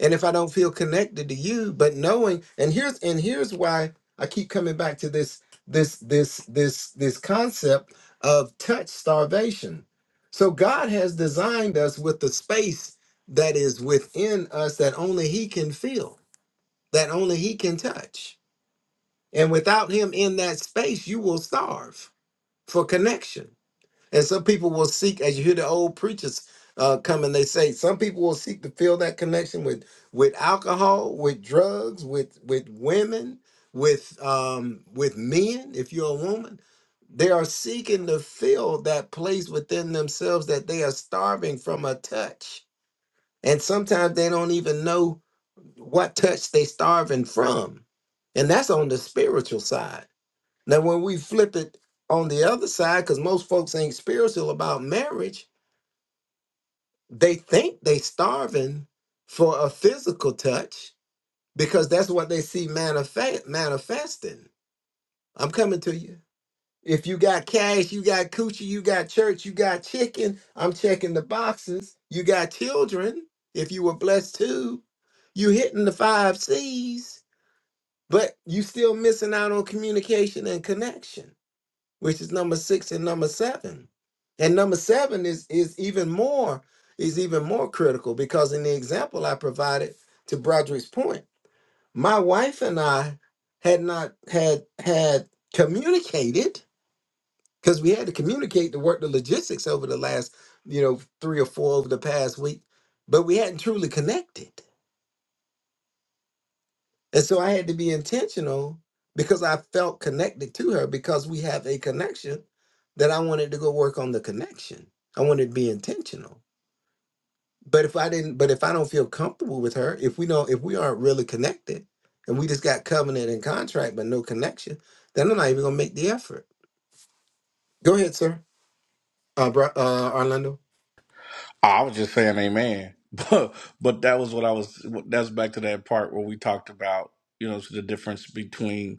and if i don't feel connected to you but knowing and here's and here's why i keep coming back to this this this this this concept of touch starvation so god has designed us with the space that is within us that only he can feel that only he can touch and without him in that space you will starve for connection and some people will seek, as you hear the old preachers uh, come and they say, some people will seek to fill that connection with with alcohol, with drugs, with with women, with um, with men. If you're a woman, they are seeking to fill that place within themselves that they are starving from a touch, and sometimes they don't even know what touch they starving from, and that's on the spiritual side now, when we flip it on the other side, because most folks ain't spiritual about marriage, they think they starving for a physical touch because that's what they see manifest manifesting. I'm coming to you. If you got cash, you got coochie, you got church, you got chicken. I'm checking the boxes. You got children. If you were blessed too, you hitting the five C's, but you still missing out on communication and connection. which is number six and number seven. And number seven is is even more is even more critical because in the example I provided to Broderick's point, my wife and I had not had had communicated because we had to communicate to work the logistics over the last you know three or four over the past week, but we hadn't truly connected. And so I had to be intentional because I felt connected to her because we have a connection that I wanted to go work on the connection. I wanted to be intentional. But if I didn't, but if I don't feel comfortable with her, if we don't, if we aren't really connected and we just got covenant and contract but no connection, then I'm not even gonna make the effort. Go ahead, sir. Uh, bro, uh Orlando. Oh, I was just saying amen. [LAUGHS] But but that was what I was that's back to that part where we talked about, you know, the difference between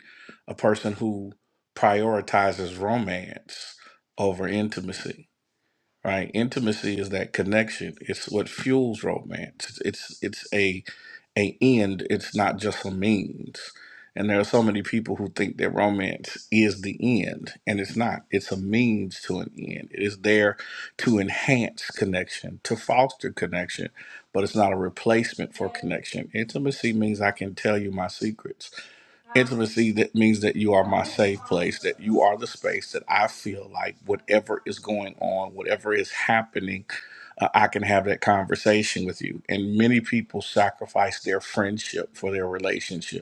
a person who prioritizes romance over intimacy right intimacy is that connection it's what fuels romance it's it's, a a end it's not just a means and there are so many people who think that romance is the end and it's not it's a means to an end it is there to enhance connection to foster connection but it's not a replacement for connection intimacy means i can tell you my secrets Intimacy that means that you are my safe place, that you are the space that I feel like whatever is going on, whatever is happening, uh, I can have that conversation with you. And many people sacrifice their friendship for their relationship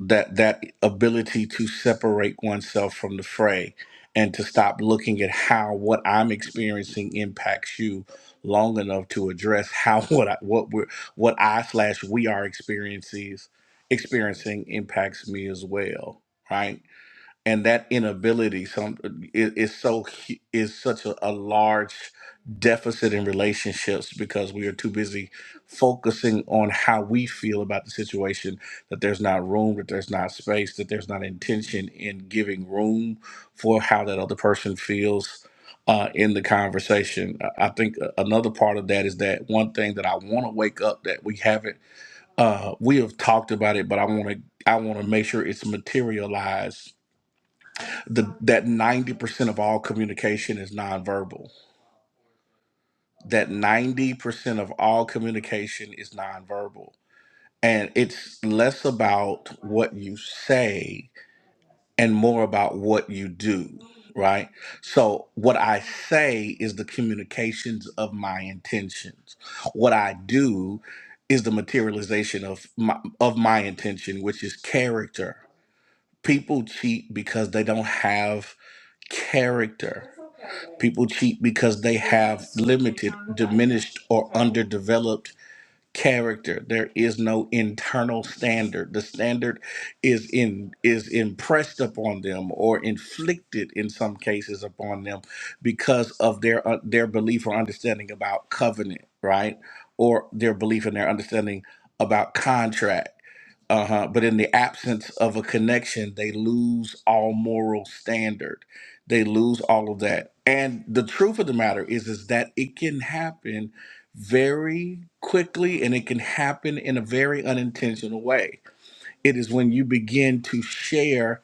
that that ability to separate oneself from the fray and to stop looking at how what I'm experiencing impacts you long enough to address how [LAUGHS] what I, what we're what I slash we are experiences experiencing impacts me as well. Right and that inability some is, is so hu- is such a, a large deficit in relationships because we are too busy focusing on how we feel about the situation that there's not room that there's not space that there's not intention in giving room for how that other person feels uh, in the conversation i I think a- another part of that is that one thing that i want to wake up that we haven't uh, we have talked about it but i want to i want to make sure it's materialized the that 90% of all communication is nonverbal that 90% of all communication is nonverbal and it's less about what you say and more about what you do right so what i say is the communications of my intentions what i do is the materialization of my, of my intention which is character people cheat because they don't have character People cheat because they have limited, diminished, or underdeveloped character there is no internal standard the standard is in is impressed upon them or inflicted in some cases upon them because of their uh, their belief or understanding about covenant right or their belief and their understanding about contract uh-huh but in the absence of a connection they lose all moral standard they lose all of that and the truth of the matter is is that it can happen very quickly and it can happen in a very unintentional way. It is when you begin to share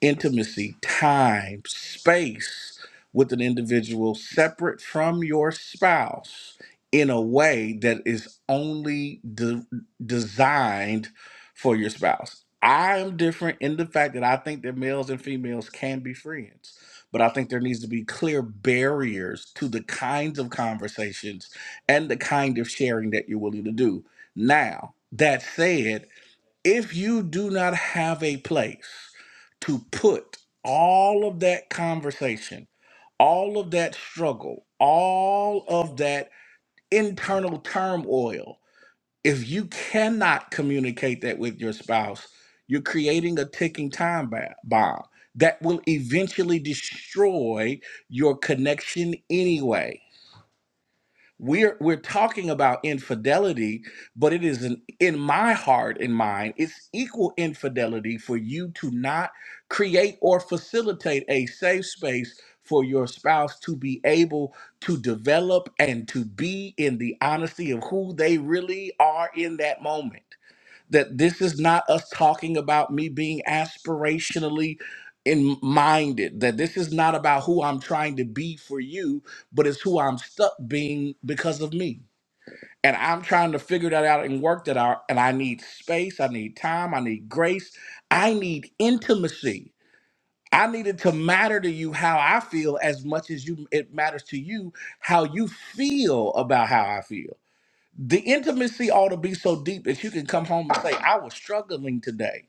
intimacy, time, space with an individual separate from your spouse in a way that is only de- designed for your spouse. I am different in the fact that I think that males and females can be friends, but I think there needs to be clear barriers to the kinds of conversations and the kind of sharing that you're willing to do. Now, that said, if you do not have a place to put all of that conversation, all of that struggle, all of that internal turmoil, if you cannot communicate that with your spouse, you're creating a ticking time ba- bomb that will eventually destroy your connection anyway we're we're talking about infidelity but it is an, in my heart and mind it's equal infidelity for you to not create or facilitate a safe space for your spouse to be able to develop and to be in the honesty of who they really are in that moment that this is not us talking about me being aspirationally in minded that this is not about who I'm trying to be for you but it's who I'm stuck being because of me and I'm trying to figure that out and work that out and I need space I need time I need grace I need intimacy I need it to matter to you how I feel as much as you it matters to you how you feel about how I feel the intimacy ought to be so deep that you can come home and say, I was struggling today.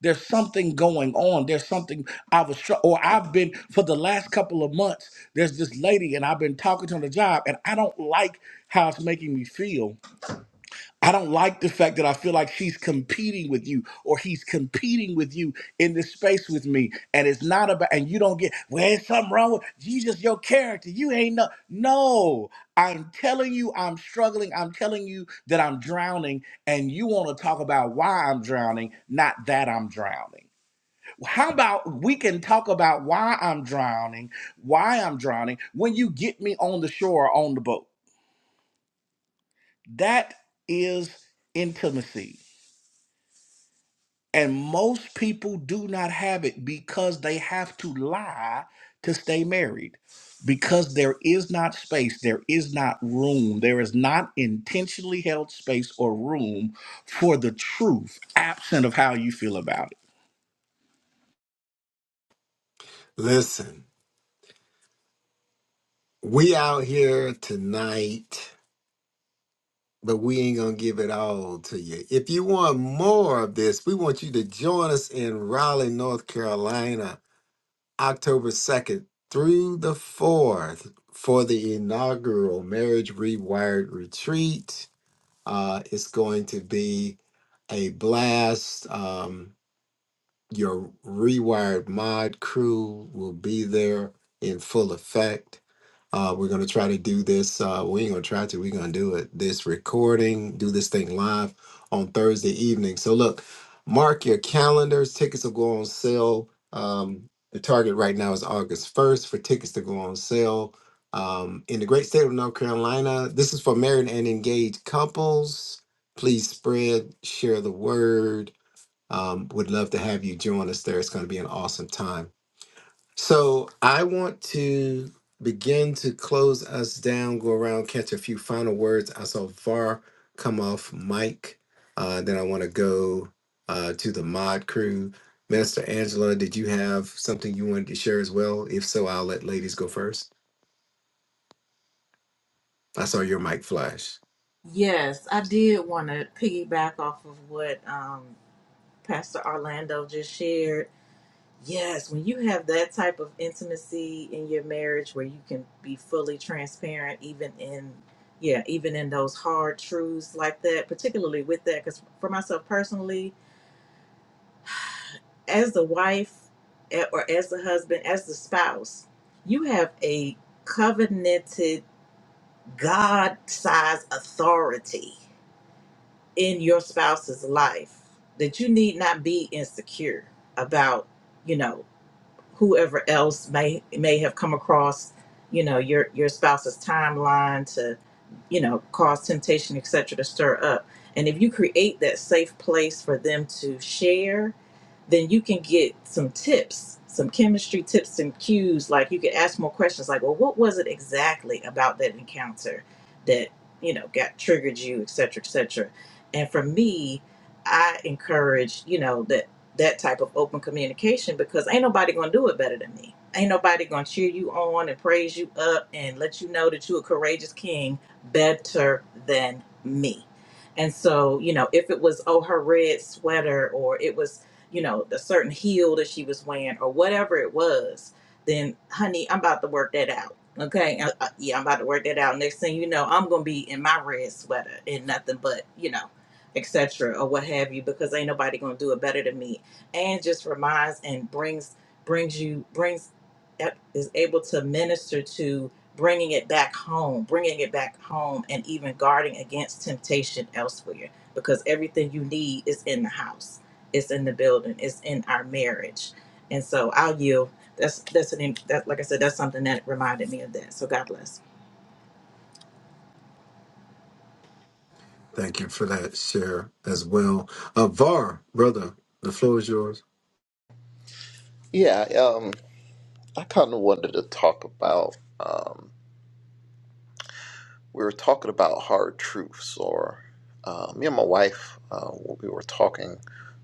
There's something going on. There's something I was, str- or I've been for the last couple of months. There's this lady, and I've been talking to her on the job, and I don't like how it's making me feel I don't like the fact that I feel like she's competing with you or he's competing with you in this space with me. And it's not about, and you don't get, well, there's something wrong with you, just your character. You ain't no, no. I'm telling you, I'm struggling. I'm telling you that I'm drowning. And you want to talk about why I'm drowning, not that I'm drowning. How about we can talk about why I'm drowning, why I'm drowning when you get me on the shore or on the boat? That is intimacy. And most people do not have it because they have to lie to stay married. Because there is not space, there is not room, there is not intentionally held space or room for the truth, absent of how you feel about it. Listen, we out here tonight but we ain't gonna give it all to you. If you want more of this, we want you to join us in Raleigh, North Carolina, October 2nd through the 4th for the inaugural Marriage Rewired Retreat. Uh, it's going to be a blast. Um, your rewired mod crew will be there in full effect. Uh, we're gonna try to do this. Uh, we ain't gonna try to. We're gonna do it. This recording, do this thing live on Thursday evening. So look, mark your calendars. Tickets will go on sale. Um, the target right now is August first for tickets to go on sale. Um, in the great state of North Carolina, this is for married and engaged couples. Please spread, share the word um, would love to have you join us there. It's going to be an awesome time. So I want to begin to close us down, go around, catch a few final words. I saw VAR come off mic. Uh, then I want to go uh, to the mod crew. Minister Angela, did you have something you wanted to share as well? If so, I'll let ladies go first. I saw your mic flash. Yes, I did want to piggyback off of what um, Pastor Orlando just shared Yes, when you have that type of intimacy in your marriage where you can be fully transparent, even in yeah, even in those hard truths like that, particularly with that, because for myself personally, as the wife eh, or as the husband, as the spouse, you have a covenanted God sized authority in your spouse's life that you need not be insecure about, you know. whoever else may may have come across, you know, your your spouse's timeline to you know, cause temptation, et cetera, to stir up. And if you create that safe place for them to share, then you can get some tips, some chemistry tips and cues. Like you could ask more questions like, well, what was it exactly about that encounter that, you know, got triggered you, et cetera, et cetera. And for me, I encourage, you know, that that type of open communication because ain't nobody gonna do it better than me. Ain't nobody gonna cheer you on and praise you up and let you know that you're a courageous king better than me. And so, you know, if it was, oh, her red sweater or it was, you know, the certain heel that she was wearing or whatever it was, then, honey, I'm about to work that out. Okay. Uh, uh, yeah, I'm about to work that out. Next thing you know, I'm going to be in my red sweater and nothing but, you know, etc. or what have you, because ain't nobody going to do it better than me. And just reminds and brings, brings you, brings, yep, is able to minister to bringing it back home, bringing it back home, and even guarding against temptation elsewhere. Because everything you need is in the house, it's in the building, it's in our marriage. And so I'll yield. That's that's an that like I said, that's something that reminded me of that. So God bless. Thank you for that share as well. Uh, VAR, brother, the floor is yours. Yeah, um, I kind of wanted to talk about. Um, we were talking about hard truths, or uh, me and my wife, uh, we were talking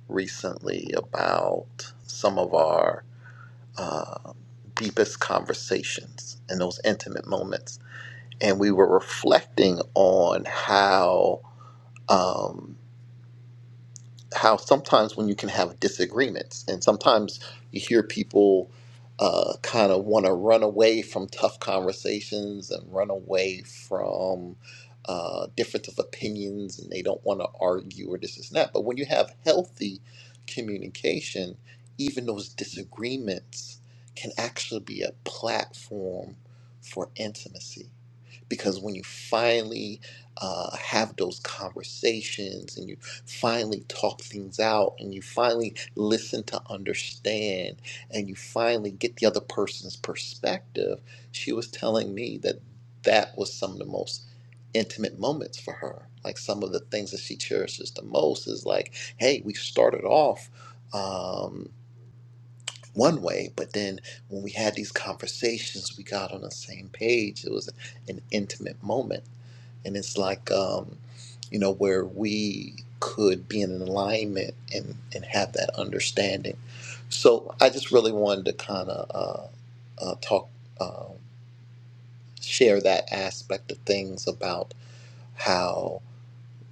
recently about some of our deepest conversations and those intimate moments, and we were reflecting on how. Um, how sometimes when you can have disagreements, and sometimes you hear people uh, kind of want to run away from tough conversations and run away from uh, difference of opinions, and they don't want to argue or this and that. But when you have healthy communication, even those disagreements can actually be a platform for intimacy because when you finally uh, have those conversations and you finally talk things out and you finally listen to understand and you finally get the other person's perspective, she was telling me that that was some of the most intimate moments for her. Like some of the things that she cherishes the most is like, hey, we started off. Um, one way, but then when we had these conversations, we got on the same page. It was an intimate moment and it's like um, you know where we could be in alignment and and have that understanding. So I just really wanted to kind of uh, uh, talk, um, share that aspect of things about how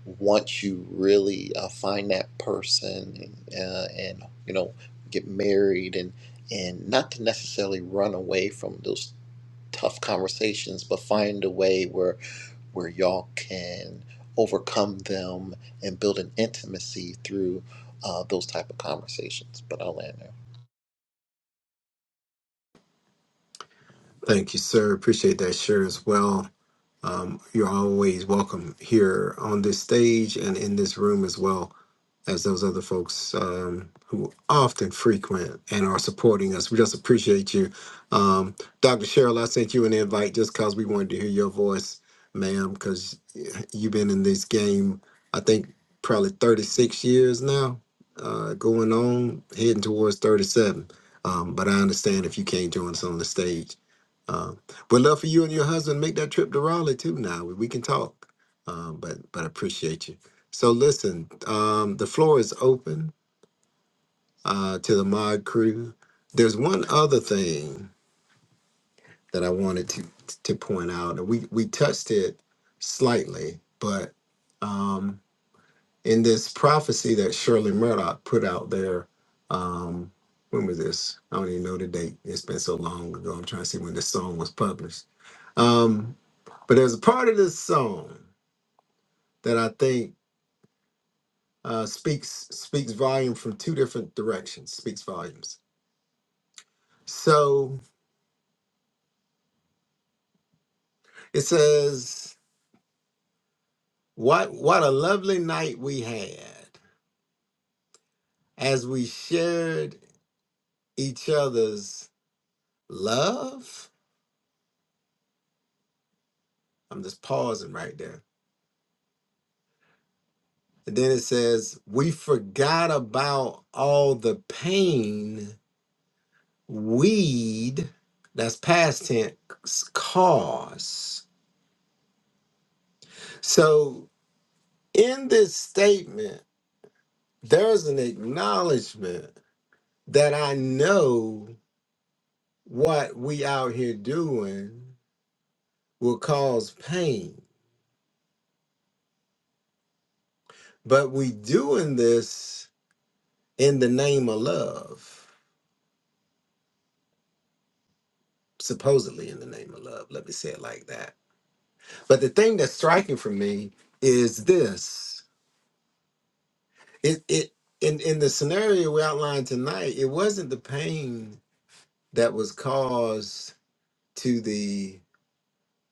once you really uh, find that person uh, and you know get married and and not to necessarily run away from those tough conversations, but find a way where where y'all can overcome them and build an intimacy through uh, those type of conversations. But I'll land there. Thank you, sir. Appreciate that share as well. Um, you're always welcome here on this stage and in this room as well as those other folks um, who often frequent and are supporting us. We just appreciate you. Um, Dr. Cheryl, I sent you an invite just because we wanted to hear your voice, ma'am, because you've been in this game, I think, probably 36 years now, uh, going on, heading towards 37. Um, but I understand if you can't join us on the stage. Um, would love for you and your husband to make that trip to Raleigh too. Now we can talk, um, but but I appreciate you. So listen, um, the floor is open uh, to the mod crew. There's one other thing that I wanted to to point out, and we we touched it slightly, but um, in this prophecy that Shirley Murdoch put out there, um, when was this? I don't even know the date. It's been so long ago. I'm trying to see when this song was published. Um, But there's a part of this song that I think uh, speaks speaks volume from two different directions. Speaks volumes. So it says, "What what a lovely night we had as we shared each other's love." I'm just pausing right there. And then it says, "We forgot about all the pain we'd that's past tense cause." So in this statement, there's an acknowledgement that I know what we out here doing will cause pain, but we doing this in the name of love, supposedly in the name of love. Let me say it like that. But the thing that's striking for me is this: it it in in the scenario we outlined tonight, it wasn't the pain that was caused to the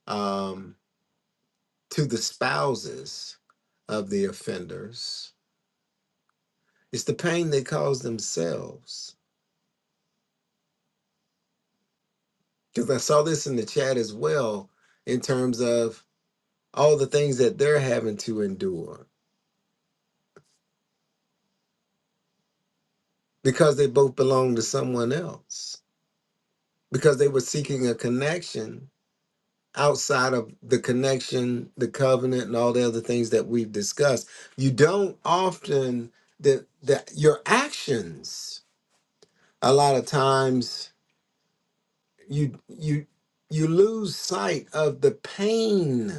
um. to the spouses of the offenders. It's the pain they cause themselves. Because I saw this in the chat as well, in terms of all the things that they're having to endure because they both belong to someone else, because they were seeking a connection outside of the connection, the covenant, and all the other things that we've discussed. You don't often, that that your actions a lot of times you you you lose sight of the pain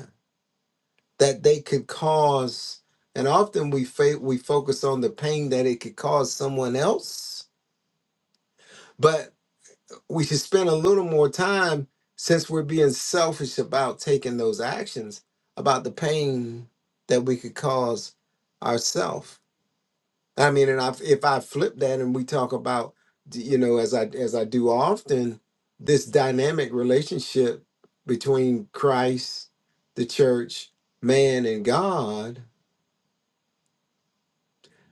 that they could cause and often we fa- we focus on the pain that it could cause someone else but we should spend a little more time since we're being selfish about taking those actions about the pain that we could cause ourselves I mean, and I, if I flip that and we talk about, d- you know, as I as I do often, this dynamic relationship between Christ, the church, man, and God,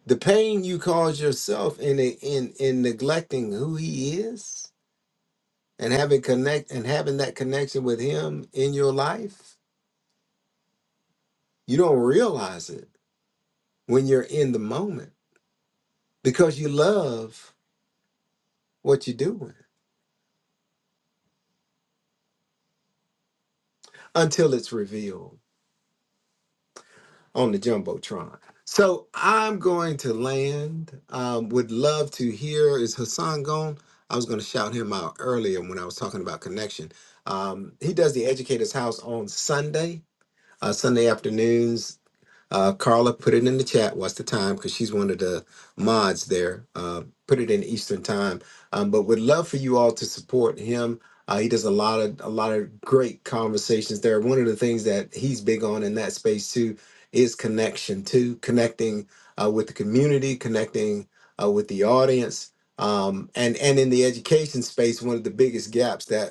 the pain you cause yourself in a, in in neglecting who He is and having connect and having that connection with Him in your life, you don't realize it when you're in the moment because you love what you're doing until it's revealed on the jumbotron. So I'm going to land. Um, would love to hear is Hassan gone? I was going to shout him out earlier when I was talking about connection. Um, he does the Educators House on Sunday, uh, Sunday afternoons. Uh, Carla, put it in the chat. What's the time? Because she's one of the mods there. Uh, put it in Eastern time. Um, but would love for you all to support him. Uh, he does a lot of a lot of great conversations there. One of the things that he's big on in that space too is connection too, connecting uh, with the community, connecting uh, with the audience, um, and and in the education space, one of the biggest gaps that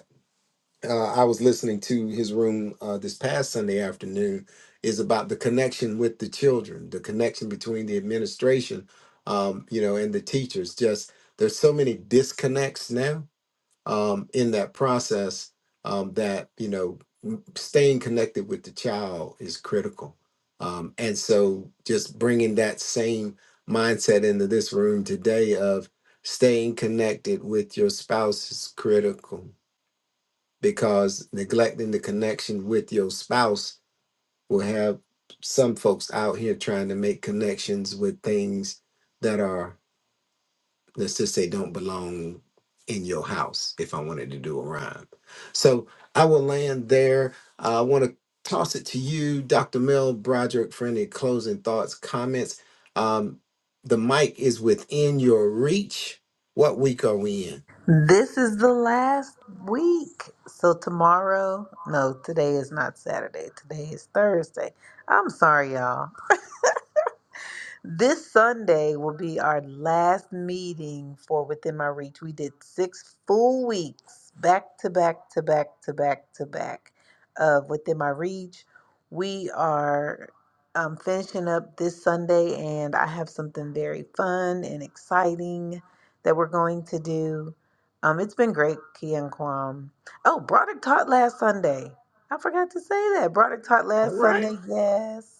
uh, I was listening to his room uh, this past Sunday afternoon is about the connection with the children, the connection between the administration, um, you know, and the teachers. Just there's so many disconnects now um, in that process um, that you know m- staying connected with the child is critical, um, and so just bringing that same mindset into this room today of staying connected with your spouse is critical because neglecting the connection with your spouse will have some folks out here trying to make connections with things that are let's just say don't belong in your house if i wanted to do a rhyme so i will land there Uh, i want to toss it to you dr mel broderick for any closing thoughts comments um, the mic is within your reach what week are we in This is the last week. So tomorrow, no, today is not Saturday. Today is Thursday. I'm sorry, y'all. This Sunday will be our last meeting for Within My Reach. We did six full weeks back to back to back to back to back of Within My Reach. We are um, finishing up this Sunday, and I have something very fun and exciting that we're going to do. Um, it's been great, Kia and Kwam. Oh, Broderick taught last Sunday. I forgot to say that. Broderick taught All last right. Sunday. Yes.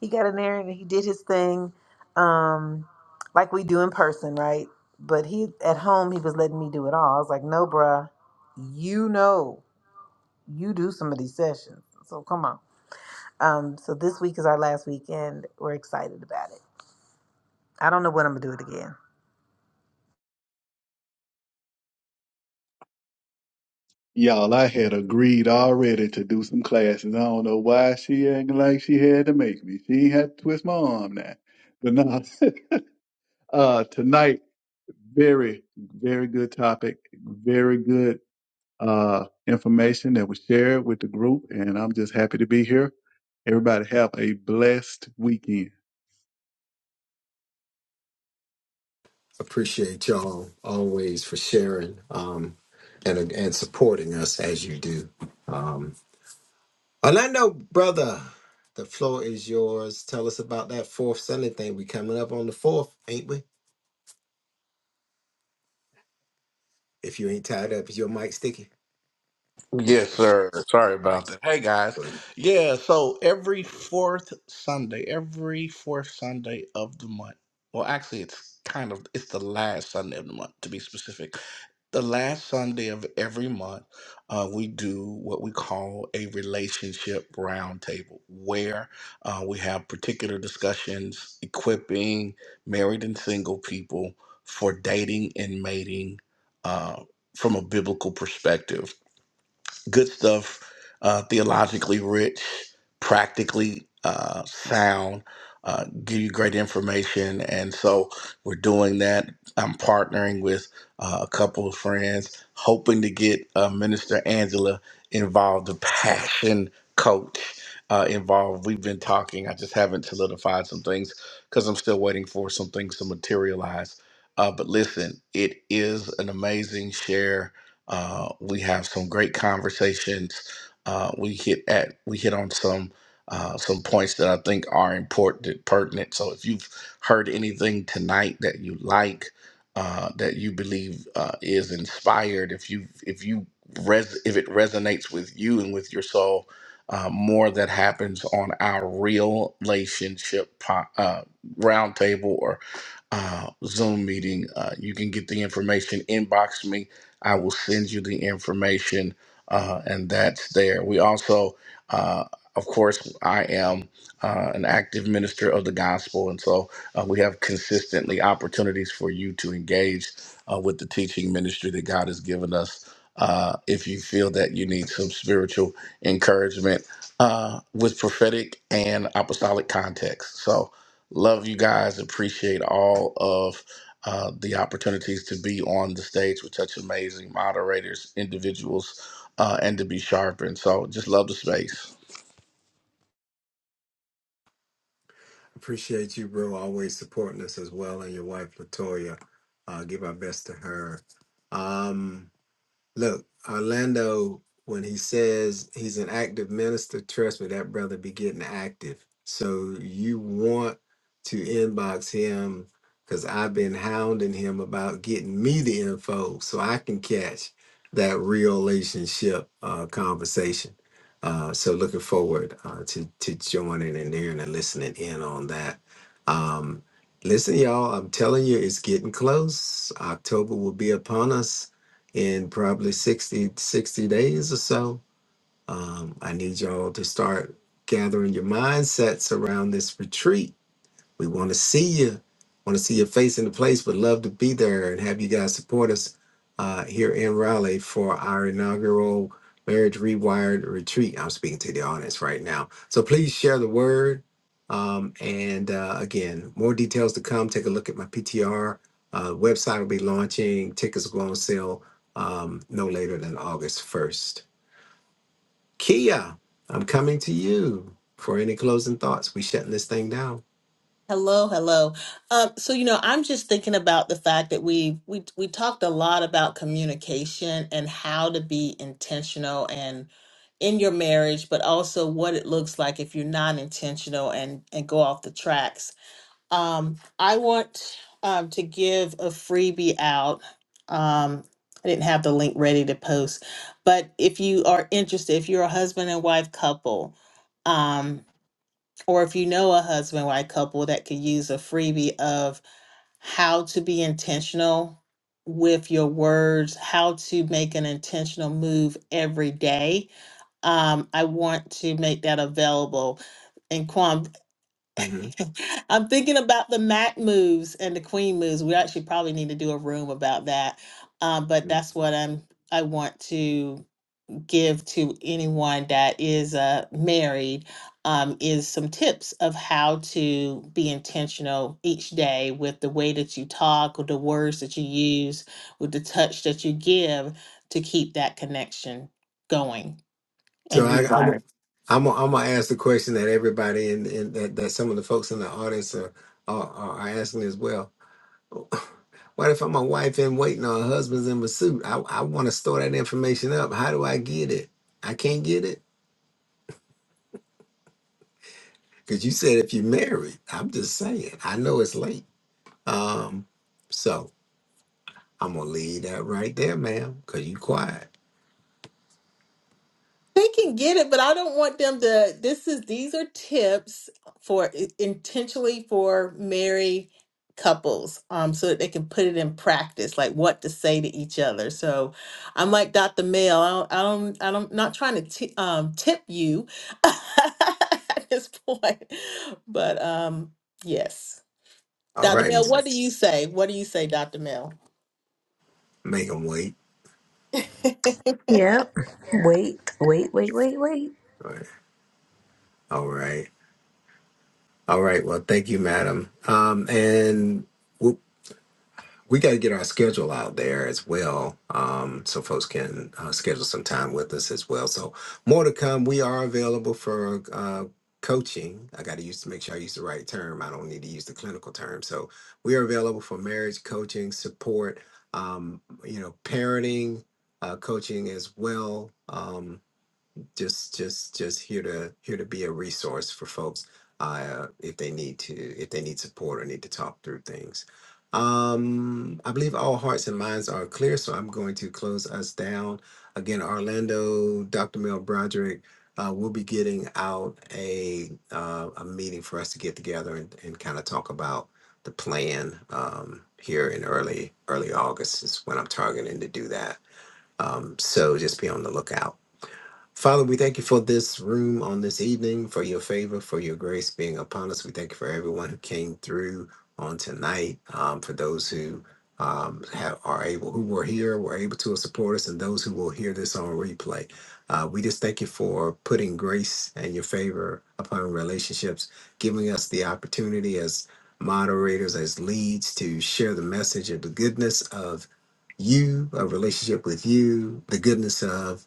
He got in there and he did his thing, um, like we do in person, right? But he at home he was letting me do it all. I was like, no, bruh, you know, you do some of these sessions, so come on. Um, so this week is our last weekend. We're excited about it. I don't know when I'm gonna do it again. Y'all, I had agreed already to do some classes. I don't know why she acting like she had to make me. She ain't had to twist my arm now. But no, [LAUGHS] uh, tonight Very, very good topic. Very good uh, information that was shared with the group. And I'm just happy to be here. Everybody have a blessed weekend. Appreciate y'all always for sharing um, and and supporting us as you do. Um, Orlando, brother, the floor is yours. Tell us about that fourth Sunday thing. We coming up on the fourth, ain't we? If you ain't tied up, is your mic sticky? Yes, sir. Sorry All about right. that. Hey, guys. go ahead. Yeah, so every fourth Sunday, every fourth Sunday of the month, well, actually, it's kind of it's the last Sunday of the month to be specific. the last Sunday of every month, uh, we do what we call a relationship roundtable, where uh, we have particular discussions equipping married and single people for dating and mating uh, from a biblical perspective good stuff, uh, theologically rich, practically uh, sound, uh, give you great information. And so we're doing that. I'm partnering with uh, a couple of friends, hoping to get uh, Minister Angela involved, the passion coach. Uh, involved. We've been talking. I just haven't solidified some things because I'm still waiting for some things to materialize. Uh, but listen, it is an amazing share uh, we have some great conversations. Uh, we hit at we hit on some uh, some points that I think are important, pertinent. So if you've heard anything tonight that you like, uh, that you believe uh, is inspired, if you if you res- if it resonates with you and with your soul, uh, more that happens on our real relationship po- uh, roundtable or uh, Zoom meeting. Uh, you can get the information, inbox me, I will send you the information, uh, and that's there. We also, uh, of course, I am uh, an active minister of the gospel, and so uh, we have consistently opportunities for you to engage uh, with the teaching ministry that God has given us. Uh, if you feel that you need some spiritual encouragement uh, with prophetic and apostolic context, so Love you guys. Appreciate all of uh, the opportunities to be on the stage with such amazing moderators, individuals, uh, and to be sharpened. So just love the space. Appreciate you, bro. Always supporting us as well, and your wife Latoya. Uh, give our best to her. Um, Look, Orlando, when he says he's an active minister, trust me, that brother be getting active. So you want to inbox him because I've been hounding him about getting me the info so I can catch that real relationship uh, conversation. Uh, so looking forward uh, to to joining in there and listening in on that. Um, listen, y'all, I'm telling you, it's getting close. October will be upon us in probably 60 60 days or so. Um, I need y'all to start gathering your mindsets around this retreat we want to see you. Want to see your face in the place. Would love to be there and have you guys support us uh, here in Raleigh for our inaugural Marriage Rewired retreat. I'm speaking to the audience right now. So please share the word. Um, and uh, again, more details to come. Take a look at my PTR. Uh, website will be launching. Tickets will go on sale um, no later than August 1st. Kia, I'm coming to you for any closing thoughts. We shutting this thing down. Hello, hello. Um, so you know, I'm just thinking about the fact that we we we talked a lot about communication and how to be intentional and in your marriage, but also what it looks like if you're not intentional and and go off the tracks. Um, I want um, to give a freebie out. Um, I didn't have the link ready to post, but if you are interested, if you're a husband and wife couple. um, or if you know a husband white couple that could use a freebie of how to be intentional with your words, how to make an intentional move every day, um, I want to make that available. And Kwam, Mhm. [LAUGHS] I'm thinking about the Mac moves and the Queen moves. We actually probably need to do a room about that. Um, but that's what I'm. I want to give to anyone that is uh, married um, is some tips of how to be intentional each day with the way that you talk, with the words that you use, with the touch that you give to keep that connection going So and I, I'm rewiring. I'm gonna- I'm gonna ask the question that everybody and and that, that some of the folks in the audience are are, are are asking as well. [LAUGHS] What if I'm a wife in waiting or a husband's in pursuit? I, I want to store that information up. How do I get it? I can't get it because you said if you married. I'm just saying. I know it's late. Um, so I'm gonna leave that right there, ma'am, because you quiet. They can get it, but I don't want them to. This is these are tips for intentionally for married couples, um, so that they can put it in practice, like what to say to each other. So I'm like Dr. Mel. I don't, I don't, I don't, not trying to t um, tip you [LAUGHS] at this point, but um, yes, All Dr. right, ma'am. Mel, what do you say? What do you say, Dr. Mel? Make them wait. [LAUGHS] Yep. Wait, wait, wait, wait, wait. All right. All right. All right. Well, thank you, madam. Um, and. we got to get our schedule out there as well um, so folks can uh, schedule some time with us as well so more to come we are available for uh, coaching i got to use to make sure i use the right term i don't need to use the clinical term so we are available for marriage coaching support um, you know parenting uh, coaching as well Um, just just just here to here to be a resource for folks uh, if they need to if they need support or need to talk through things um i believe all hearts and minds are clear so i'm going to close us down again orlando dr mel broderick uh, we'll be getting out a uh, a meeting for us to get together and, and kind of talk about the plan um, here in early early august is when i'm targeting to do that um, so just be on the lookout Father, we thank you for this room on this evening, for your favor, for your grace being upon us. We thank you for everyone who came through on tonight, um, for those who um, have, are able, who were here, were able to support us, and those who will hear this on replay. Uh, we just thank you for putting grace and your favor upon relationships, giving us the opportunity as moderators, as leads, to share the message of the goodness of you, a relationship with you, the goodness of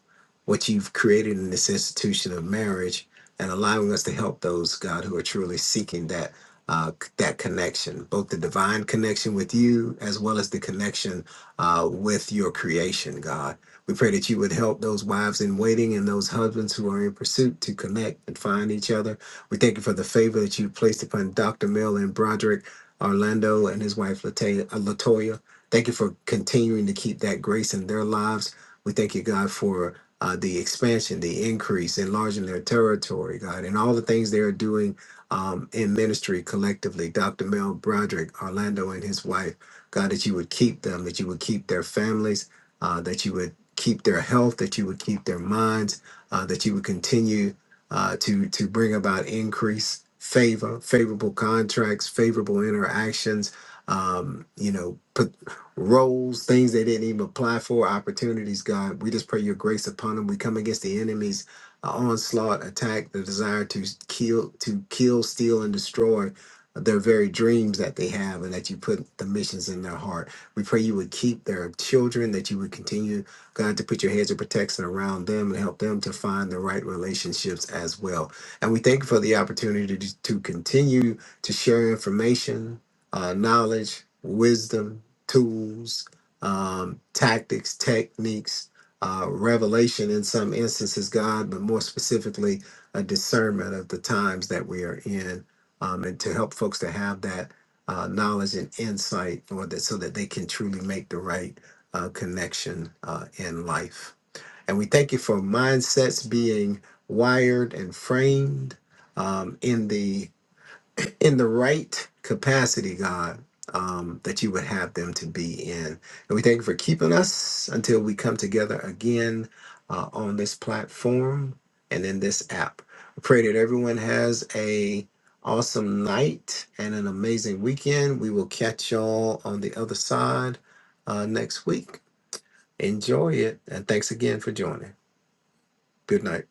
what you've created in this institution of marriage and allowing us to help those god who are truly seeking that uh, c- that connection both the divine connection with you as well as the connection uh, with your creation god we pray that you would help those wives in waiting and those husbands who are in pursuit to connect and find each other we thank you for the favor that you placed upon dr mill and broderick orlando and his wife Lata- uh, latoya thank you for continuing to keep that grace in their lives we thank you god for uh, the expansion, the increase, enlarging their territory, God, and all the things they are doing um, in ministry collectively. Dr. Mel Broderick, Orlando, and his wife, God, that you would keep them, that you would keep their families, uh, that you would keep their health, that you would keep their minds, uh, that you would continue uh, to to bring about increase, favor, favorable contracts, favorable interactions. Um, you know, roles, things they didn't even apply for, opportunities, God. We just pray your grace upon them. We come against the enemy's uh, onslaught, attack, the desire to kill, to kill, steal, and destroy their very dreams that they have and that you put the missions in their heart. We pray you would keep their children, that you would continue, God, to put your hands of protection around them and help them to find the right relationships as well. And we thank you for the opportunity to, to continue to share information, uh, knowledge, wisdom, tools, um, tactics, techniques, uh, revelation in some instances, God, but more specifically, a discernment of the times that we are in, um, and to help folks to have that uh, knowledge and insight or that, so that they can truly make the right uh, connection uh, in life. And we thank you for mindsets being wired and framed um, in the in the right capacity, God, um, that you would have them to be in. And we thank you for keeping us until we come together again uh, on this platform and in this app. We pray that everyone has a awesome night and an amazing weekend. We will catch y'all on the other side uh, next week. Enjoy it, and thanks again for joining. Good night.